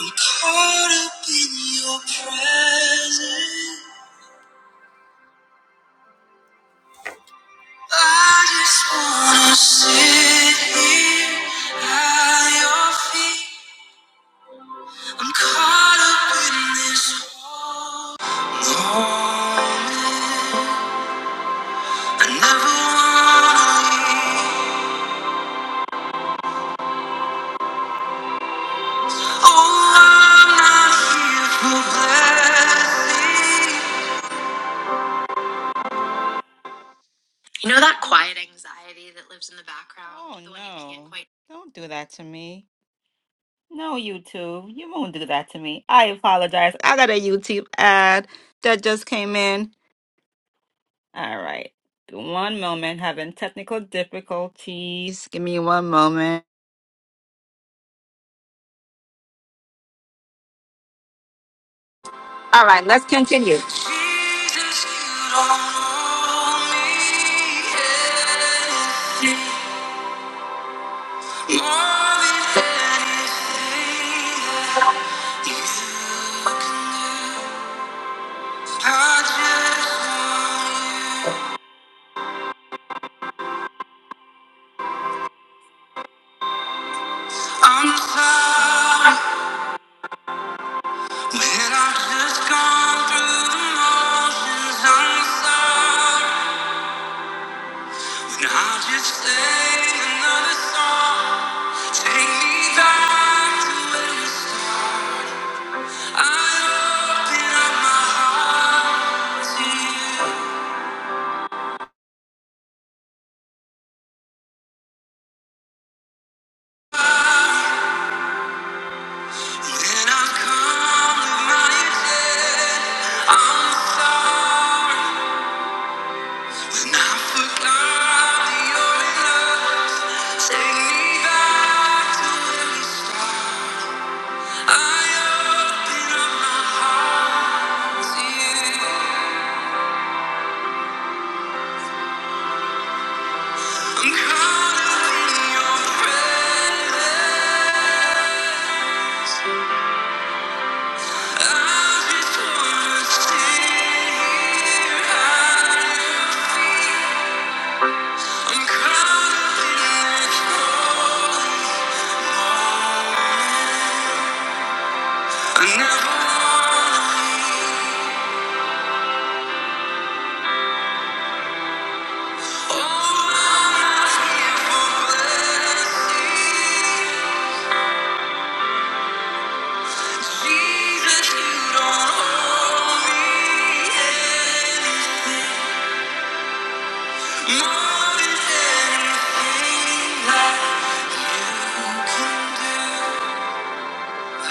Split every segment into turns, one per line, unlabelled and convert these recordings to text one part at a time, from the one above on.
I'm caught up in your presence. I just wanna sit here at your feet. I'm caught up in this moment. I never wanna leave. Oh, I'm not here for blessings. You know that choir. Oh the one you can't no! Quite... Don't do that to me. No, YouTube, you won't do that to me. I apologize. I got a YouTube ad that just came in. All right. One moment, having technical difficulties. Give me one moment. All right, let's continue. Jesus, you don't know me, yeah, more than anything that you can do. I just want you. I'm sorry. When I've just gone through the motions, I'm sorry. And i just sing another song. Take me back to where we started. I open up my heart to you. When I've come with my intent, I'm sorry. When I've forgotten your love, take me back to where we started. I open up my heart to you. I'm caught up in your presence. I just wanna sit here at your feet. I'm caught up in that holy moment. I never wanna leave. Oh, I'm not here for blessings. Jesus, you don't owe me anything, more than anything I can do. I,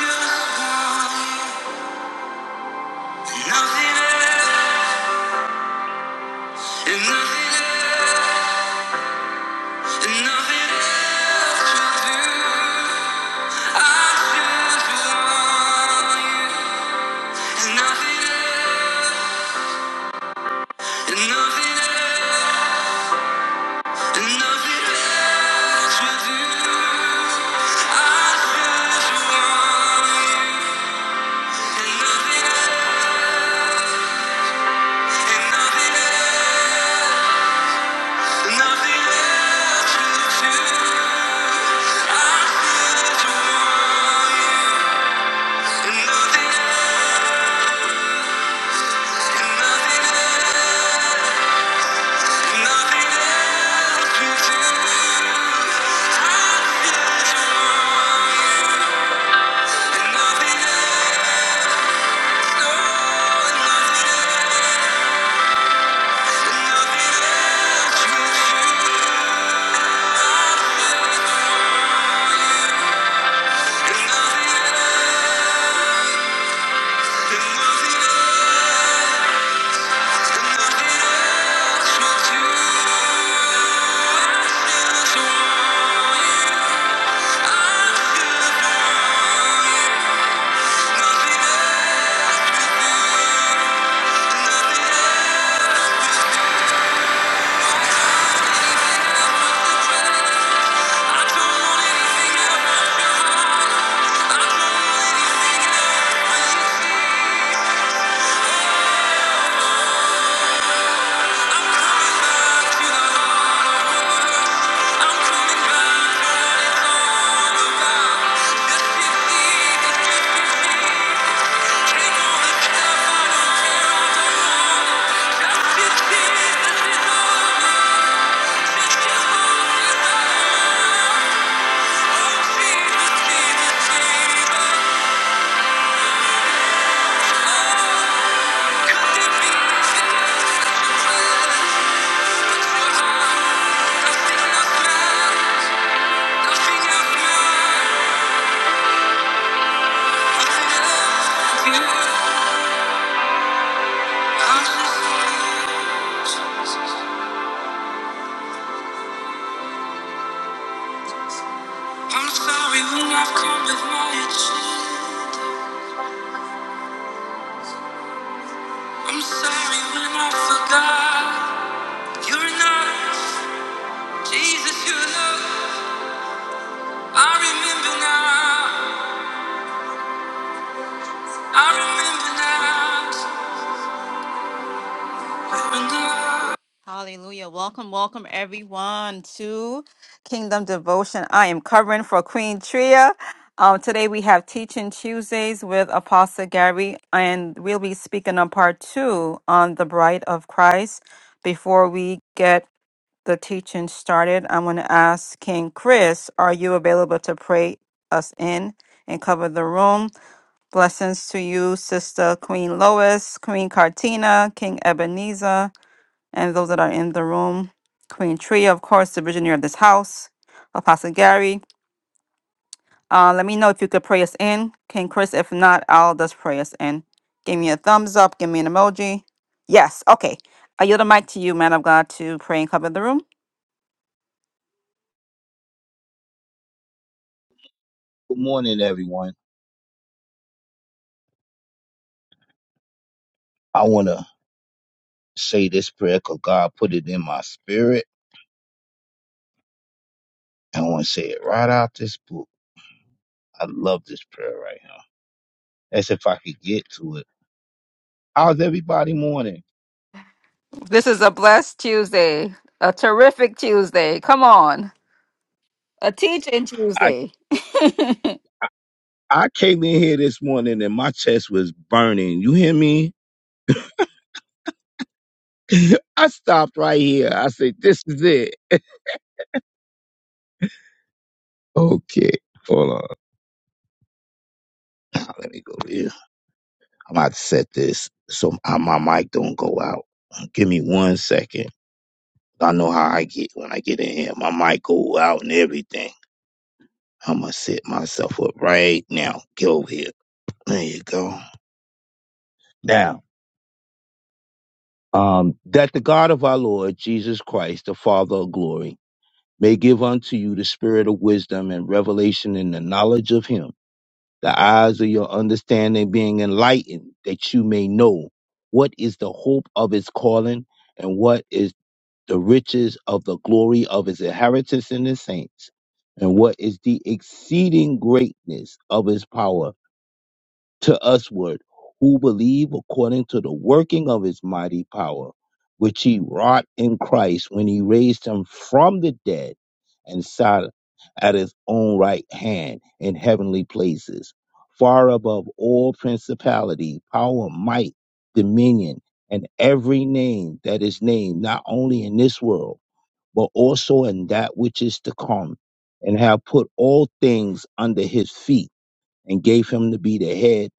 just want nothing else, and nothing else, and nothing else will do. I just want nothing else, and nothing else. Nothing I'm sorry when I've come with my issues. I'm sorry when I forgot. You're not Jesus, you love. I remember now. I remember now. I Remember now. Hallelujah. Welcome, welcome everyone to Kingdom Devotion. I am covering for Queen Tria. Um, today we have Teaching Tuesdays with Apostle Gary, and we'll be speaking on part two on the Bride of Christ. Before we get the teaching started, I'm going to ask King Chris, are you available to pray us in and cover the room? Blessings to you, Sister Queen Lois, Queen Cartina, King Ebenezer, and those that are in the room. Queen Tria, of course, the visionary of this house. Apostle Gary. Uh, let me know if you could pray us in. King Chris, if not, I'll just pray us in. Give me a thumbs up. Give me an emoji. Yes. Okay. I yield the mic to you, man of God, to pray and cover the room.
Good morning, everyone. I want to say this prayer because God put it in my spirit. I want to say it right out this book. I love this prayer right here. As if I could get to it. How's everybody morning?
This is a blessed Tuesday, a terrific Tuesday. Come on, a teaching
I,
Tuesday.
I came in here this morning and my chest was burning. You hear me? I stopped right here. I said, this is it. Okay, hold on. Now, Let me go here. I'm about to set this so my my mic don't go out. Give me one second. I know how I get when I get in here. My mic go out and everything. I'm gonna set myself up right now. Get over here. There you go. Now, um, that the God of our Lord Jesus Christ, the Father of glory, may give unto you the spirit of wisdom and revelation in the knowledge of Him, the eyes of your understanding being enlightened, that you may know what is the hope of His calling and what is the riches of the glory of his inheritance in the saints, and what is the exceeding greatness of his power to usward, who believe according to the working of his mighty power, which he wrought in Christ when he raised him from the dead and sat at his own right hand in heavenly places, far above all principality, power, might, dominion, and every name that is named, not only in this world but also in that which is to come, and have put all things under his feet, and gave him to be the head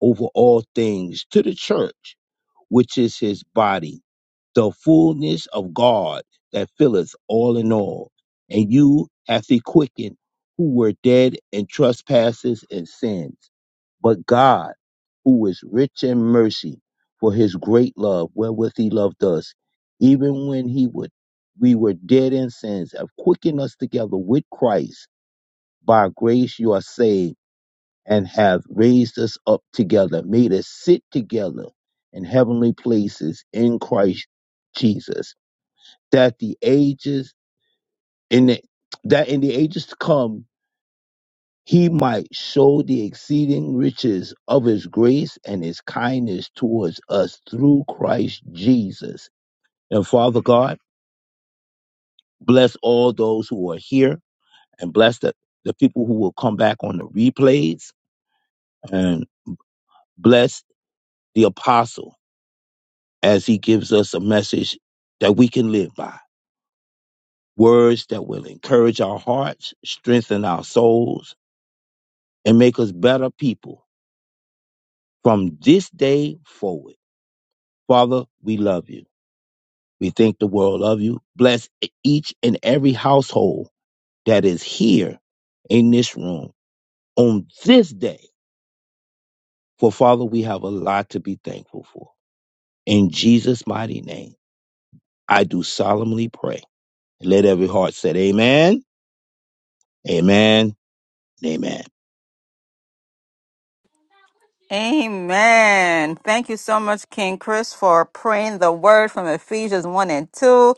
over all things to the church, which is his body, the fullness of God that filleth all in all. And you hath he quickened who were dead in trespasses and sins but God, who is rich in mercy, for his great love wherewith he loved us, even when he would we were dead in sins, have quickened us together with Christ. By grace you are saved, and have raised us up together, made us sit together in heavenly places in Christ Jesus, that the ages in the that in the ages to come he might show the exceeding riches of his grace and his kindness towards us through Christ Jesus. And Father God, bless all those who are here and bless the, the people who will come back on the replays and bless the apostle as he gives us a message that we can live by. Words that will encourage our hearts, strengthen our souls, and make us better people from this day forward. Father, we love you. We think the world of you. Bless e-, each and every household that is here in this room on this day. For Father, we have a lot to be thankful for. In Jesus' mighty name, I do solemnly pray. Let every heart say Amen, Amen, and Amen.
Amen. Thank you so much, King Chris, for praying the word from Ephesians 1 and 2.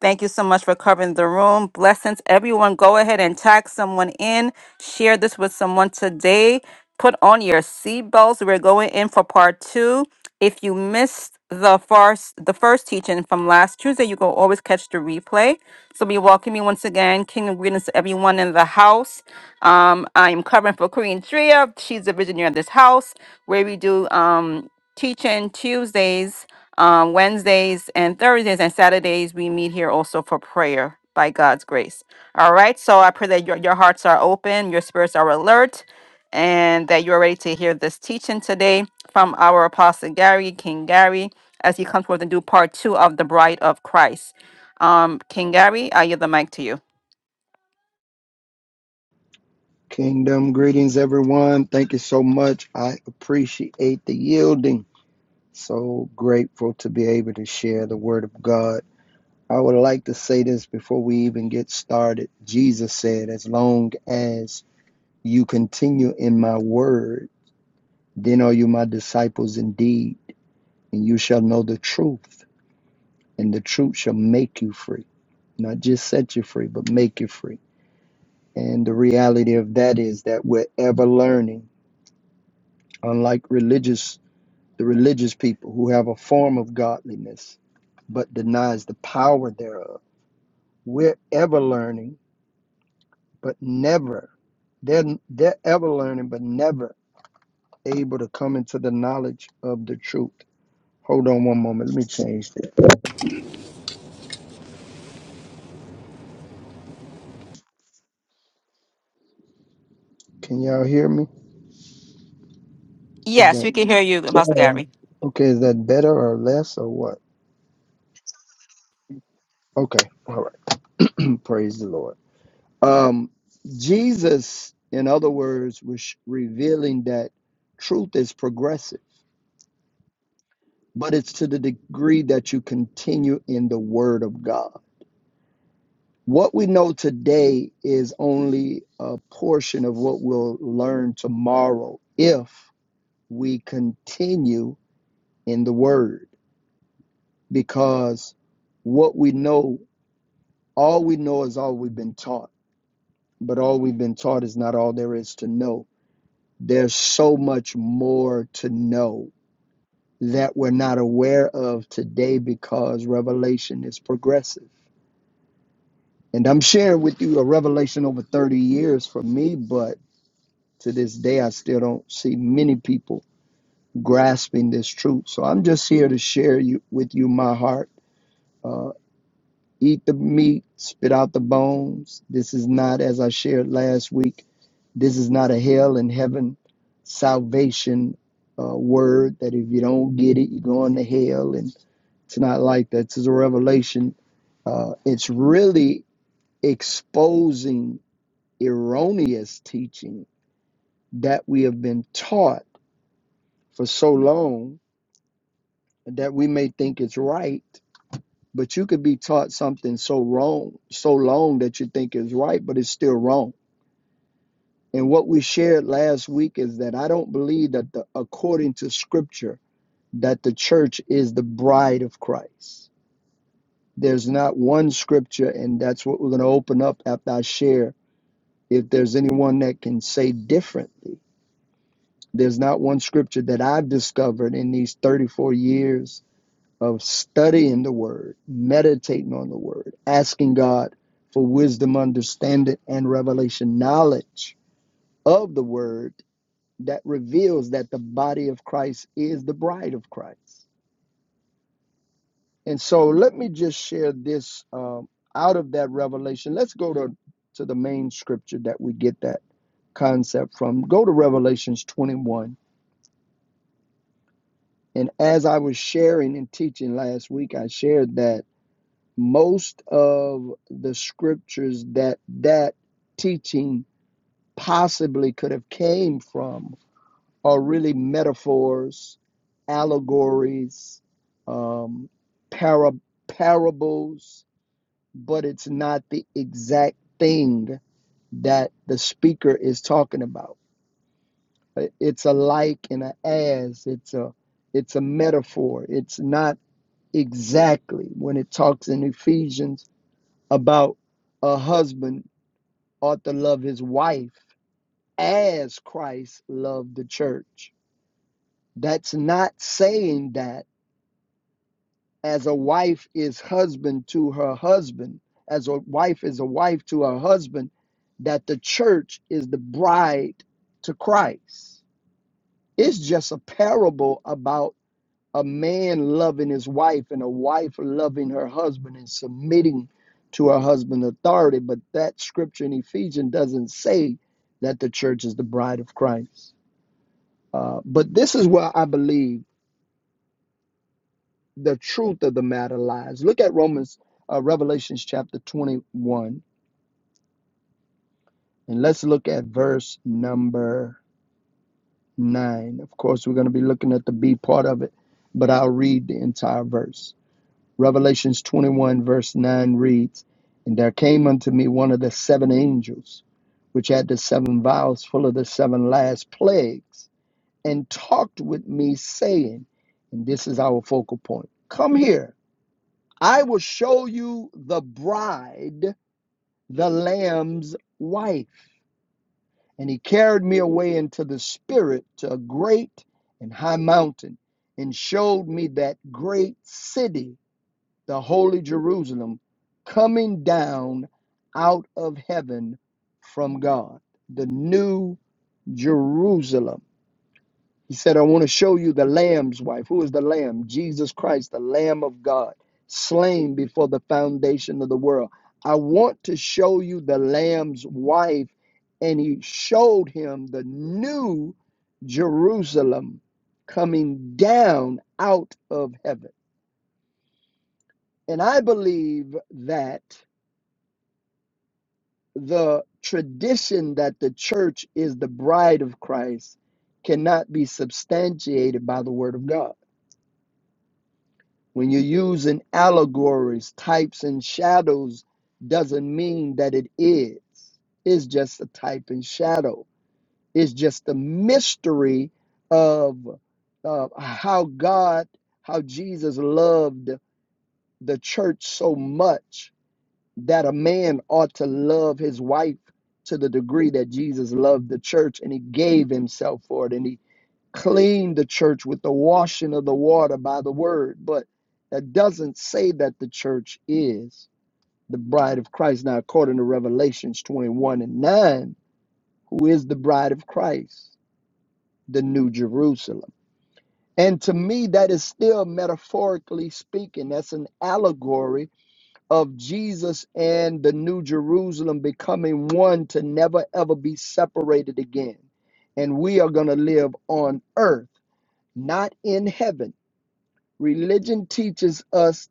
Thank you so much for covering the room. Blessings, everyone. Go ahead and tag someone in. Share this with someone today. Put on your seatbelts. We're going in for part two. If you missed the first the first teaching from last Tuesday, you can always catch the replay. So be welcoming once again. Kingdom greetings to everyone in the house. Um, I am covering for Queen Tria. She's the visionary of this house where we do um, teaching Tuesdays, um, Wednesdays, and Thursdays, and Saturdays. We meet here also for prayer by God's grace. All right. So I pray that your, your hearts are open, your spirits are alert, and that you're ready to hear this teaching today from our Apostle Gary, King Gary, as he comes forth and do part two of the Bride of Christ. Um, King Gary, I yield the mic to you.
Kingdom greetings, everyone. Thank you so much. I appreciate the yielding. So grateful to be able to share the word of God. I would like to say this before we even get started. Jesus said, As long as you continue in my word, then are you my disciples indeed, and you shall know the truth, and the truth shall make you free. Not just set you free, but make you free. And the reality of that is that we're ever learning unlike religious the religious people who have a form of godliness but denies the power thereof. We're ever learning, but never, they're, they're ever learning, but never able to come into the knowledge of the truth. Hold on one moment. Let me change this. Can y'all hear me? Is
Yes,
that
we can hear you, Apostle Gary.
okay? Is that better or less or what? Okay. All right. Praise the Lord. Um, Jesus, in other words, was revealing that truth is progressive but it's to the degree that you continue in the Word of God. What we know today is only a portion of what we'll learn tomorrow if we continue in the Word, because what we know, all we know is all we've been taught, but all we've been taught is not all there is to know. There's so much more to know that we're not aware of today because revelation is progressive And I'm sharing with you a revelation over 30 years for me, but to this day, I still don't see many people grasping this truth. So I'm just here to share you, with you my heart. Uh, eat the meat, spit out the bones. This is not, as I shared last week, this is not a hell and heaven salvation uh, word that if you don't get it, you're going to hell. And it's not like that. It's a revelation. Uh, it's really exposing erroneous teaching that we have been taught for so long that we may think it's right, but you could be taught something so wrong, so long that you think is right, but it's still wrong. And what we shared last week is that I don't believe that the, according to scripture, that the church is the bride of Christ. There's not one scripture, and that's what we're going to open up after I share. If there's anyone that can say differently, There's not one scripture that I've discovered in these 34 years of studying the word, meditating on the word, asking God for wisdom, understanding, and revelation knowledge of the word that reveals that the body of Christ is the bride of Christ. And so let me just share this um, out of that revelation. Let's go to, to the main scripture that we get that concept from. Go to Revelations 21 And as I was sharing and teaching last week, I shared that most of the scriptures that that teaching possibly could have came from are really metaphors, allegories, um, para- parables, but it's not the exact thing that the speaker is talking about. It's a like and a as. It's a it's a metaphor. It's not exactly when it talks in Ephesians about a husband ought to love his wife as Christ loved the church. That's not saying that as a wife is husband to her husband, as a wife is a wife to her husband, that the church is the bride to Christ. It's just a parable about a man loving his wife and a wife loving her husband and submitting to her husband's authority. But that scripture in Ephesians doesn't say that the church is the bride of Christ. Uh, but this is where I believe the truth of the matter lies. Look at Romans, uh, Revelations chapter 21, and let's look at verse number 9. Of course, we're going to be looking at the B part of it, but I'll read the entire verse. Revelations 21, verse 9 reads, And there came unto me one of the seven angels, which had the seven vials full of the seven last plagues, and talked with me, saying, And this is our focal point Come here, I will show you the bride, the Lamb's wife. And he carried me away into the spirit to a great and high mountain, and showed me that great city the holy Jerusalem coming down out of heaven from God, the new Jerusalem. He said, I want to show you the Lamb's wife. Who is the Lamb? Jesus Christ, the Lamb of God, slain before the foundation of the world. I want to show you the Lamb's wife. And he showed him the new Jerusalem coming down out of heaven. And I believe that the tradition that the church is the bride of Christ cannot be substantiated by the word of God. When you're using allegories, types, and shadows, doesn't mean that it is. It's just a type and shadow. It's just the mystery of uh, how God, how Jesus loved the church so much that a man ought to love his wife to the degree that Jesus loved the church and he gave himself for it and he cleaned the church with the washing of the water by the word. But that doesn't say that the church is the bride of Christ. Now, according to Revelations 21 and 9, who is the bride of Christ? The New Jerusalem. And to me, that is still metaphorically speaking, that's an allegory of Jesus and the New Jerusalem becoming one to never ever be separated again. And we are going to live on earth, not in heaven. Religion teaches us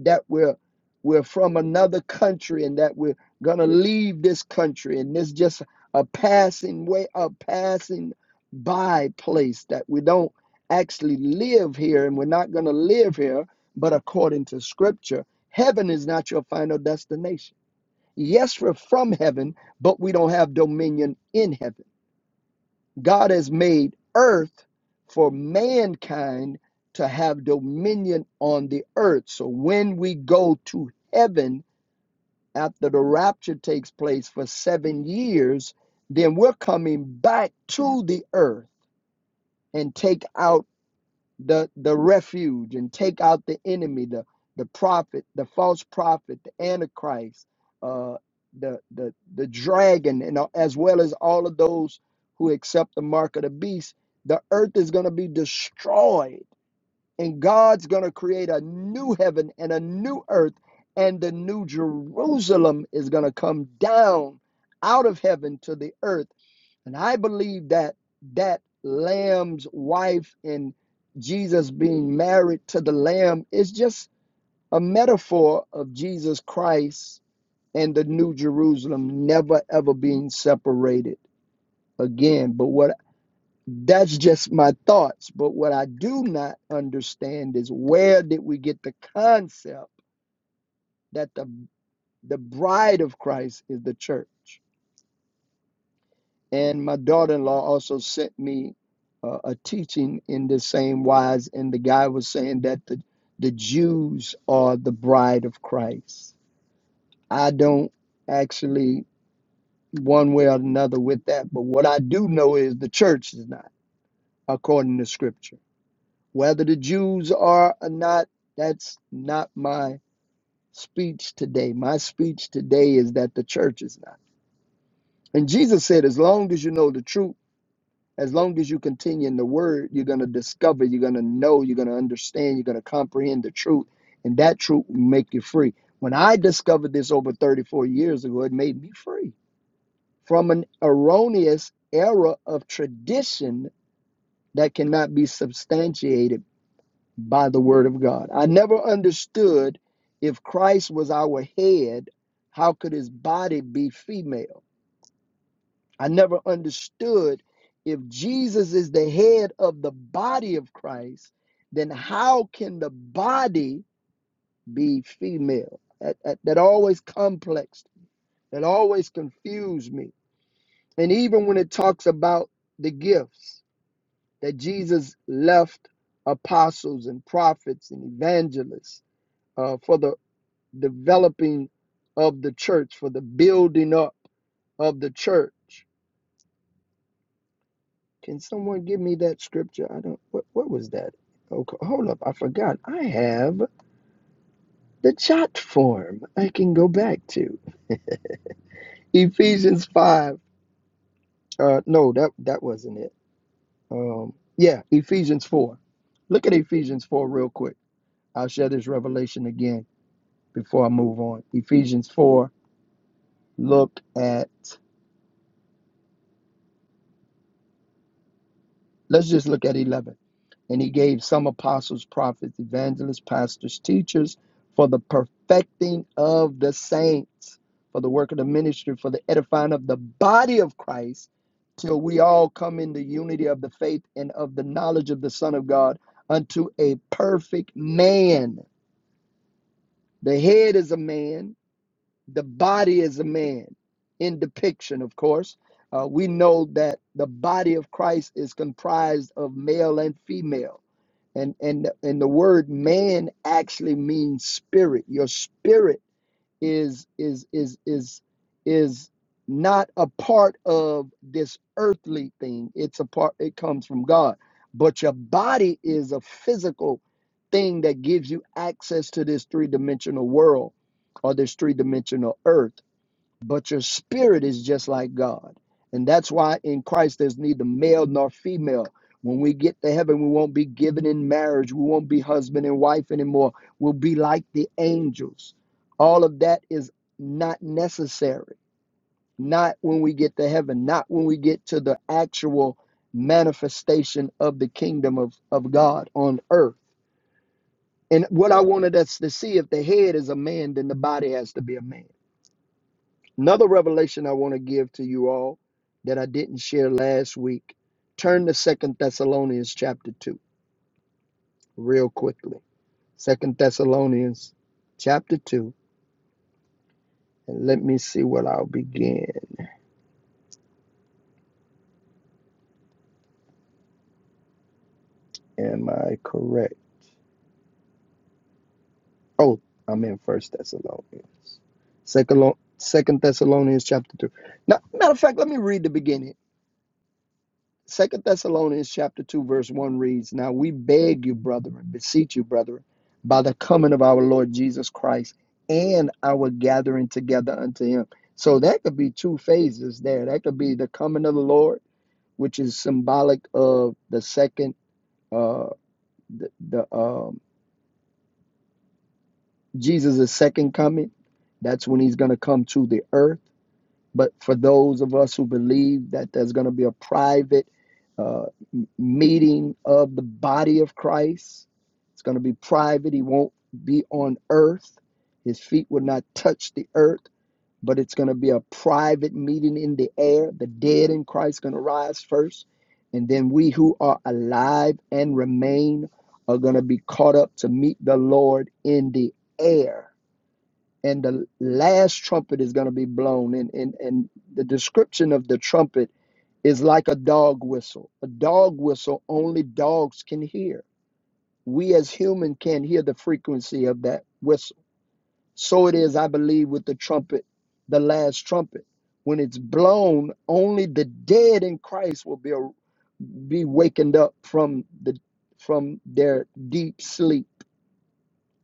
that we're we're from another country and that we're gonna leave this country and this just a passing way a passing by place that we don't actually live here and we're not gonna live here but according to scripture heaven is not your final destination yes we're from heaven but we don't have dominion in heaven God has made earth for mankind to have dominion on the earth. So when we go to heaven after the rapture takes place for seven years, then we're coming back to the earth and take our the the refuge and take out the enemy, the the prophet, the false prophet, the antichrist, uh, the the the dragon, and a- as well as all of those who accept the mark of the beast. The earth is going to be destroyed, and God's going to create a new heaven and a new earth, and the new Jerusalem is going to come down out of heaven to the earth and I believe that that lamb's wife and Jesus being married to the lamb is just a metaphor of Jesus Christ and the new Jerusalem never ever being separated again. But what that's just my thoughts. But what I do not understand is where did we get the concept that the the bride of Christ is the church? And my daughter in law also sent me uh, a teaching in the same wise. And the guy was saying that the, the Jews are the bride of Christ. I don't actually, one way or another, with that. But what I do know is the church is not, according to scripture. Whether the Jews are or not, that's not my speech today. My speech today is that the church is not. And Jesus said, as long as you know the truth, as long as you continue in the word, you're going to discover, you're going to know, you're going to understand, you're going to comprehend the truth, and that truth will make you free. When I discovered this over 34 years ago, it made me free from an erroneous era of tradition that cannot be substantiated by the word of God. I never understood if Christ was our head, how could his body be female? I never understood if Jesus is the head of the body of Christ, then how can the body be female? That, that, that always complexed, that always confused me. And even when it talks about the gifts that Jesus left apostles and prophets and evangelists uh, for the developing of the church, for the building up of the church. Can someone give me that scripture? I don't. What what was that? Okay, hold up. I forgot. I have the chat form. I can go back to Ephesians five. Uh, no, that that wasn't it. Um, yeah, Ephesians four. Look at Ephesians four real quick. I'll share this revelation again before I move on. Ephesians four. Look at. Let's just look at eleven. And he gave some apostles, prophets, evangelists, pastors, teachers for the perfecting of the saints, for the work of the ministry, for the edifying of the body of Christ, till we all come in the unity of the faith and of the knowledge of the Son of God unto a perfect man. The head is a man, the body is a man, in depiction, of course. Uh, we know that the body of Christ is comprised of male and female and and and the word man actually means spirit your spirit is is is is is not a part of this earthly thing it's a part it comes from god but your body is a physical thing that gives you access to this three-dimensional world or this three-dimensional earth but your spirit is just like God. And that's why in Christ there's neither male nor female. When we get to heaven, we won't be given in marriage. We won't be husband and wife anymore. We'll be like the angels. All of that is not necessary. Not when we get to heaven, not when we get to the actual manifestation of the kingdom of, of God on earth. And what I wanted us to see if the head is a man, then the body has to be a man. Another revelation I want to give to you all that I didn't share last week. Turn to Second Thessalonians chapter 2 real quickly. Second Thessalonians chapter 2. And let me see what I'll begin. Am I correct? Oh, I'm in First Thessalonians. Second Second Thessalonians chapter 2. Now, matter of fact, let me read the beginning. Second Thessalonians chapter two, verse one reads, Now we beg you, brethren, beseech you, brethren, by the coming of our Lord Jesus Christ and our gathering together unto him. So that could be two phases there. That could be the coming of the Lord, which is symbolic of the second uh the, the um Jesus' second coming. That's when he's gonna come to the earth But for those of us who believe that there's going to be a private uh, m- meeting of the body of Christ, it's going to be private. He won't be on earth, his feet will not touch the earth, but it's going to be a private meeting in the air. The dead in Christ going to rise first. And then we who are alive and remain are going to be caught up to meet the Lord in the air and the last trumpet is going to be blown and, and and the description of the trumpet is like a dog whistle a dog whistle only dogs can hear we as human can't hear the frequency of that whistle so it is i believe with the trumpet the last trumpet when it's blown only the dead in christ will be be wakened up from the from their deep sleep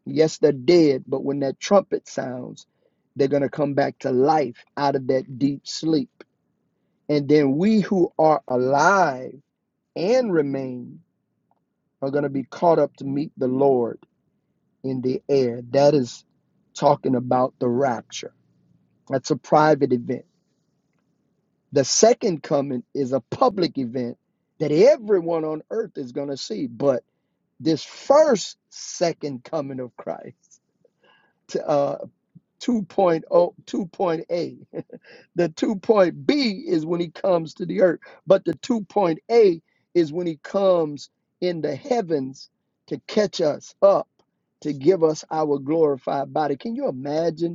Yes, they're dead, but when that trumpet sounds, they're going to come back to life out of that deep sleep. And then we who are alive and remain are going to be caught up to meet the Lord in the air. That is talking about the rapture. That's a private event. The second coming is a public event that everyone on earth is going to see. But this first second coming of Christ, uh, 2.0, 2.8. the two point B is when he comes to the earth, but the two point A is when he comes in the heavens to catch us up, to give us our glorified body. Can you imagine?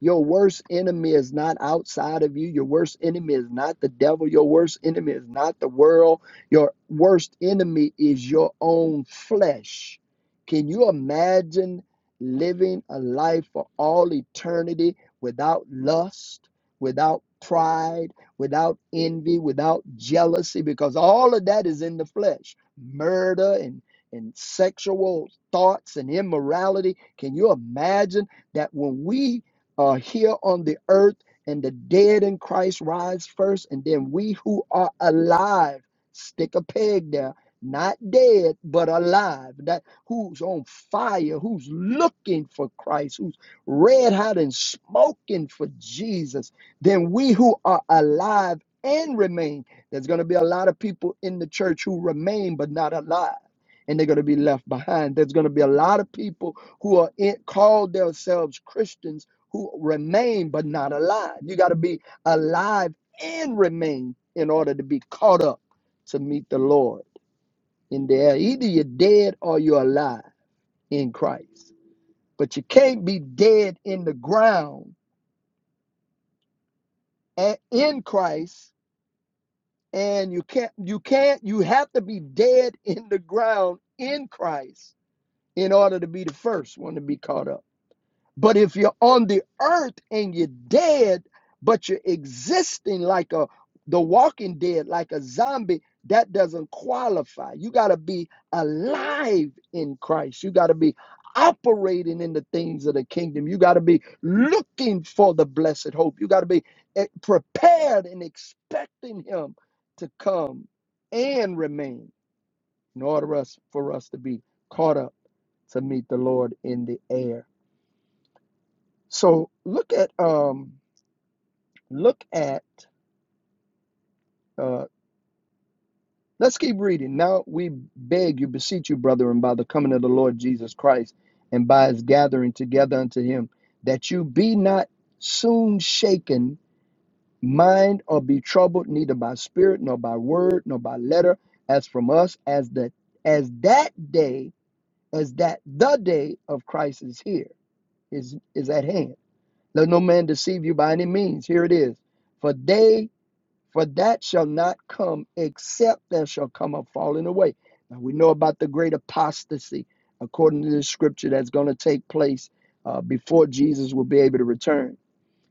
Your worst enemy is not outside of you. Your worst enemy is not the devil. Your worst enemy is not the world. Your worst enemy is your own flesh. Can you imagine living a life for all eternity without lust, without pride, without envy, without jealousy? Because all of that is in the flesh murder and, and sexual thoughts and immorality. Can you imagine that when we uh, here on the earth, and the dead in Christ rise first, and then we who are alive stick a peg there, not dead but alive. That who's on fire, who's looking for Christ, who's red hot and smoking for Jesus. Then we who are alive and remain. There's going to be a lot of people in the church who remain but not alive. And they're going to be left behind. There's going to be a lot of people who are in, called themselves Christians who remain but not alive. You got to be alive and remain in order to be caught up to meet the Lord in the air. Either you're dead or you're alive in Christ. But you can't be dead in the ground a- in Christ, and you can't you can't you have to be dead in the ground in Christ in order to be the first one to be caught up. But if you're on the earth and you're dead, but you're existing like a the walking dead, like a zombie, that doesn't qualify. You got to be alive in Christ. You got to be operating in the things of the kingdom. You got to be looking for the blessed hope. You got to be eh, prepared and expecting Him to come and remain in order us, for us to be caught up to meet the Lord in the air. So look at um look at uh let's keep reading. Now we beg you, beseech you, brethren, by the coming of the Lord Jesus Christ and by his gathering together unto him, that you be not soon shaken, mind or be troubled, neither by spirit, nor by word, nor by letter, as from us, as that as that day, as that the day of Christ is here, is is at hand. Let no man deceive you by any means. Here it is. For they For that shall not come except there shall come a falling away. Now we know about the great apostasy according to the scripture that's going to take place uh, before Jesus will be able to return.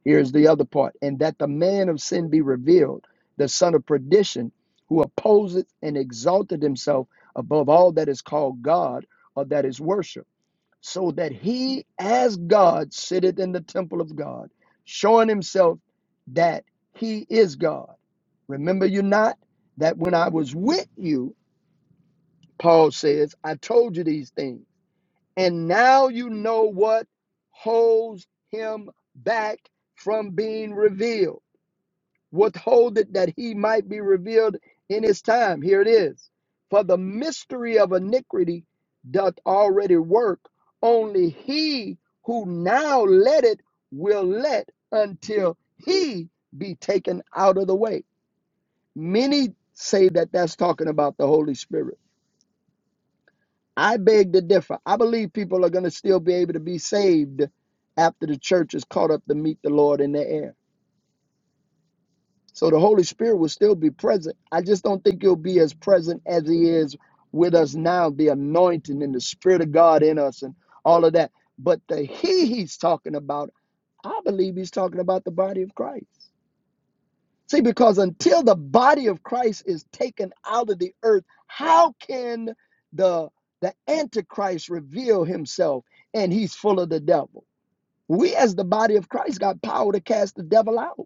Here's the other part and that the man of sin be revealed, the son of perdition, who opposeth and exalted himself above all that is called God or that is worship so that he, as God, sitteth in the temple of God, showing himself that he is God. Remember you not that when I was with you, Paul says, I told you these things, and now you know what holds him back from being revealed withhold that he might be revealed in his time. Here it is. For the mystery of iniquity doth already work, only he who now let it will let until he be taken out of the way. Many say that that's talking about the Holy Spirit. I beg to differ. I believe people are going to still be able to be saved after the church is caught up to meet the Lord in the air. So the Holy Spirit will still be present. I just don't think he'll be as present as he is with us now, the anointing and the Spirit of God in us and all of that. But the he he's talking about, I believe he's talking about the body of Christ. See, because until the body of Christ is taken out of the earth, how can the the Antichrist reveal himself and he's full of the devil? We as the body of Christ got power to cast the devil out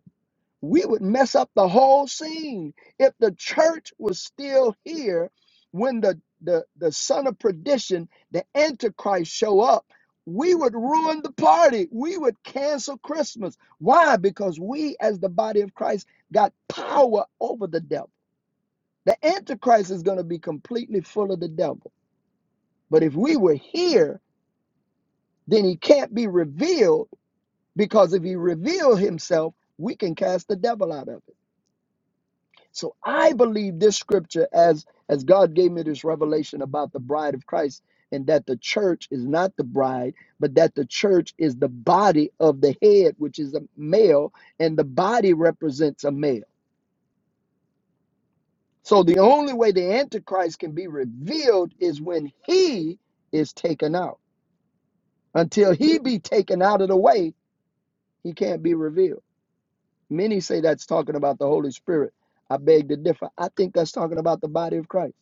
we would mess up the whole scene if the church was still here when the the, the son of perdition the antichrist show up we would ruin the party we would cancel christmas why because we as the body of christ got power over the devil the antichrist is going to be completely full of the devil but if we were here then he can't be revealed because if he reveal himself we can cast the devil out of him So I believe this scripture as as God gave me this revelation about the bride of Christ and that the church is not the bride, but that the church is the body of the head, which is a male, and the body represents a male. So the only way the antichrist can be revealed is when he is taken out. Until he be taken out of the way, he can't be revealed. Many say that's talking about the Holy Spirit. I beg to differ. I think that's talking about the body of Christ.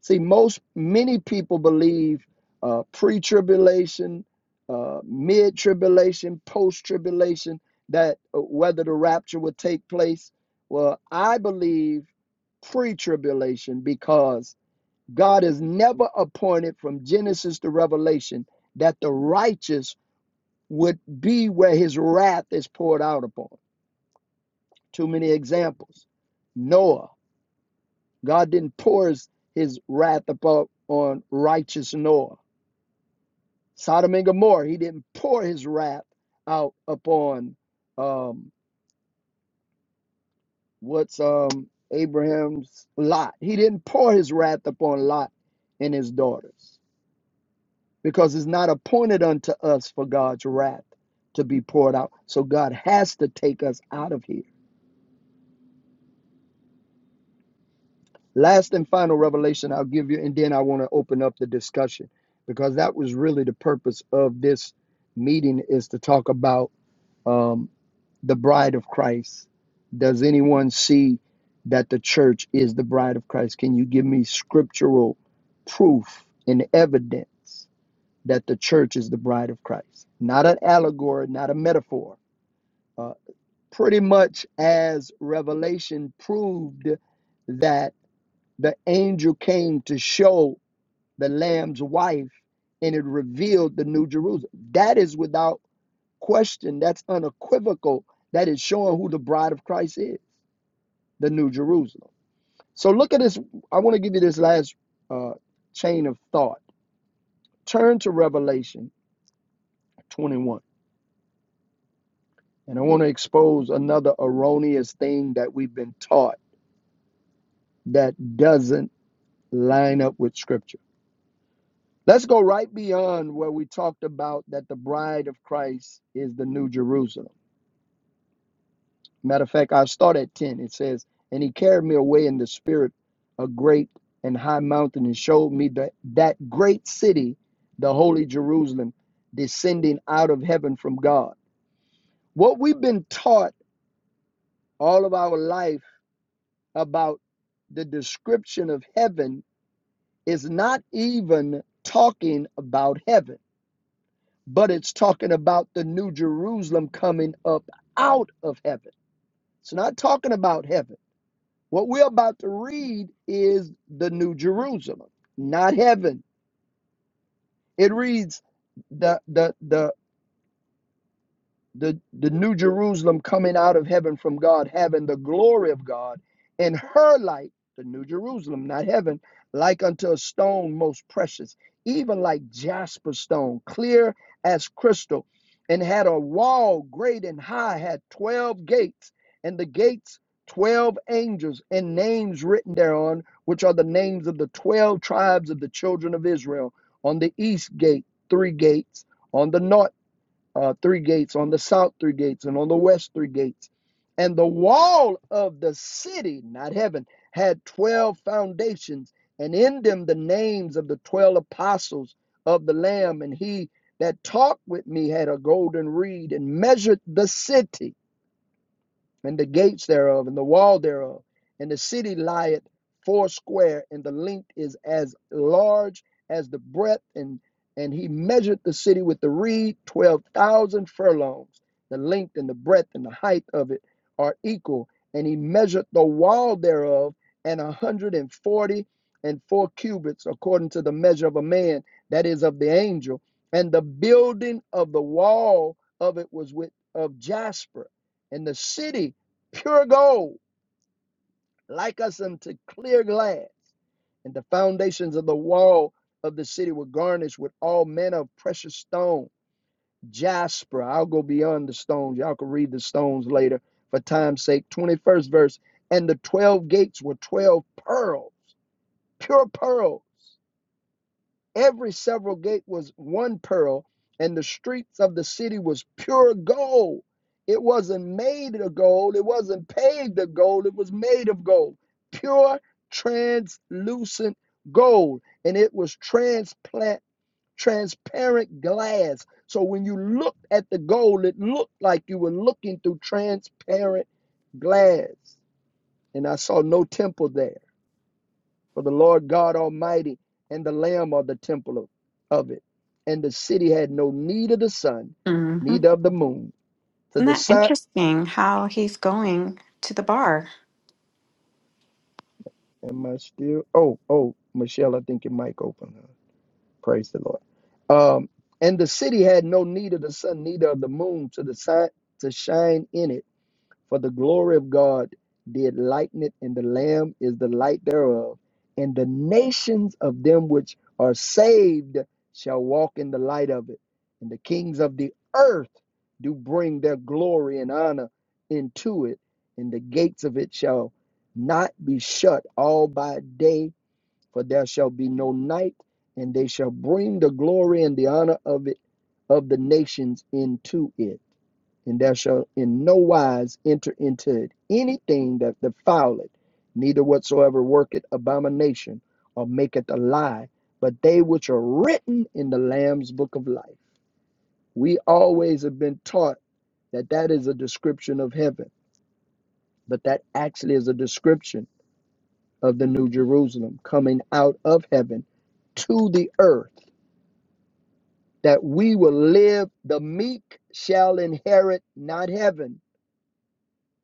See, most many people believe uh, pre-tribulation, uh, mid-tribulation, post-tribulation that uh, whether the rapture will take place. Well, I believe pre-tribulation because God has never appointed from Genesis to Revelation that the righteous would be where His wrath is poured out upon. Too many examples. Noah, God didn't pour His, his wrath upon on righteous Noah Sodom and Gomorrah, he didn't pour his wrath out upon um, what's um, Abraham's Lot. He didn't pour his wrath upon Lot and his daughters because it's not appointed unto us for God's wrath to be poured out. So God has to take us out of here. Last and final revelation I'll give you, and then I want to open up the discussion because that was really the purpose of this meeting is to talk about. um, the bride of Christ? Does anyone see that the church is the bride of Christ? Can you give me scriptural proof and evidence that the church is the bride of Christ? Not an allegory, not a metaphor. Uh, pretty much as Revelation proved that the angel came to show the Lamb's wife and it revealed the New Jerusalem. That is without question that's unequivocal that is showing who the bride of Christ is, the New Jerusalem. So look at this. I want to give you this last uh, chain of thought. Turn to Revelation 21. And I want to expose another erroneous thing that we've been taught that doesn't line up with Scripture. Let's go right beyond where we talked about that the bride of Christ is the New Jerusalem. Matter of fact, I'll start at 10. It says, And he carried me away in the spirit, a great and high mountain, and showed me that, that great city, the holy Jerusalem, descending out of heaven from God. What we've been taught all of our life about the description of heaven is not even talking about heaven, but it's talking about the new Jerusalem coming up out of heaven. It's not talking about heaven. What we're about to read is the New Jerusalem, not heaven. It reads the the the the, the new Jerusalem coming out of heaven from God, having the glory of God, and her light, the new Jerusalem, not heaven, like unto a stone most precious, even like jasper stone, clear as crystal, and had a wall great and high, had 12 gates, and the gates 12 angels, and names written thereon, which are the names of the 12 tribes of the children of Israel. On the east gate, three gates, on the north uh, three gates, on the south three gates, and on the west three gates. And the wall of the city, not heaven, had 12 foundations, and in them the names of the 12 apostles of the Lamb. And he that talked with me had a golden reed and measured the city and the gates thereof, and the wall thereof. And the city lieth foursquare, and the length is as large as the breadth. And, and he measured the city with the reed, 12,000 furlongs. The length and the breadth and the height of it are equal. And he measured the wall thereof, and a 140 and forty and four cubits, according to the measure of a man, that is of the angel. And the building of the wall of it was with of jasper and the city pure gold, like us unto clear glass. And the foundations of the wall of the city were garnished with all manner of precious stone, jasper. I'll go beyond the stones. Y'all can read the stones later for time's sake. 21st verse. And the 12 gates were 12 pearls, pure pearls. Every several gate was one pearl, and the streets of the city was pure gold. It wasn't made of gold, it wasn't paved of gold, it was made of gold. Pure, translucent gold. And it was transplant, transparent glass. So when you looked at the gold, it looked like you were looking through transparent glass. And I saw no temple there for the Lord God Almighty and the Lamb are the temple of, of it. And the city had no need of the sun,
hmm Isn't
neither of the moon. To the
that
sun,
interesting how he's going to the bar?
am I still? Oh, oh, Michelle, I think your mic open. huh? Praise the Lord. Um, and the city had no need of the sun, neither of the moon to the sun to shine in it For the glory of God did lighten it, and the Lamb is the light thereof. And the nations of them which are saved shall walk in the light of it. And the kings of the earth do bring their glory and honor into it, and the gates of it shall not be shut all by day, for there shall be no night, and they shall bring the glory and the honor of it of the nations into it and thou shalt in no wise enter into it anything that defileth, neither whatsoever worketh abomination or maketh a lie, but they which are written in the Lamb's book of life. We always have been taught that that is a description of heaven, but that actually is a description of the New Jerusalem coming out of heaven to the earth, that we will live. The meek shall inherit not heaven,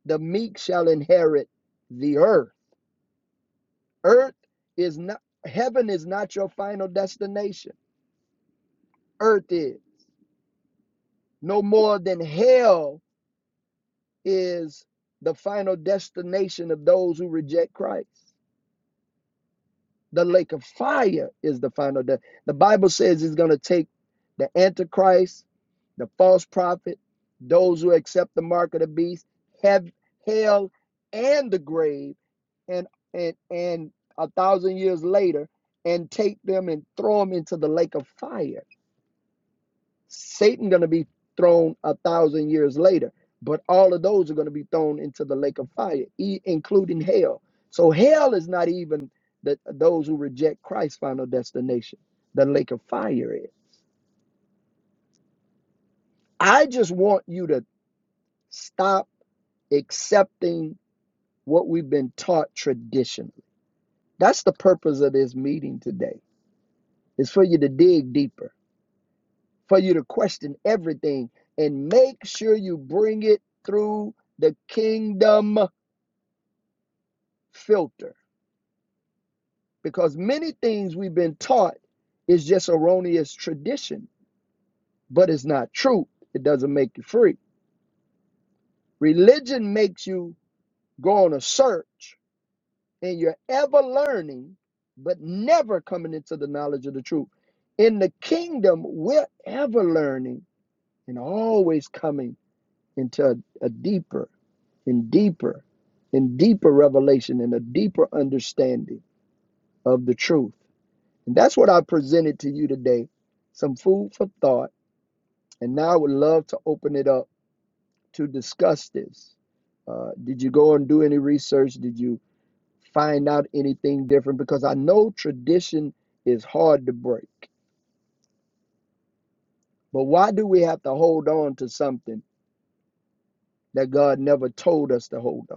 the meek shall inherit the earth Earth is not heaven is not your final destination. Earth is no more than hell is the final destination of those who reject Christ. The lake of fire is the final de- the Bible says it's going to take the antichrist, the false prophet, those who accept the mark of the beast, have hell and the grave and and and a thousand years later and take them and throw them into the lake of fire Satan going to be thrown a thousand years later, but all of those are going to be thrown into the lake of fire, e- including hell. So hell is not even the, those who reject Christ's final destination. The lake of fire is. I just want you to stop accepting what we've been taught traditionally. That's the purpose of this meeting today. Is for you to dig deeper, for you to question everything, and make sure you bring it through the kingdom filter because many things we've been taught is just erroneous tradition, but it's not true. It doesn't make you free. Religion makes you go on a search and you're ever learning, but never coming into the knowledge of the truth. In the kingdom, we're ever learning and always coming into a, a deeper and deeper and deeper revelation and a deeper understanding of the truth. And that's what I presented to you today some food for thought. And now I would love to open it up to discuss this. Uh, did you go and do any research? Did you find out anything different? Because I know tradition is hard to break. But why do we have to hold on to something that God never told us to hold on?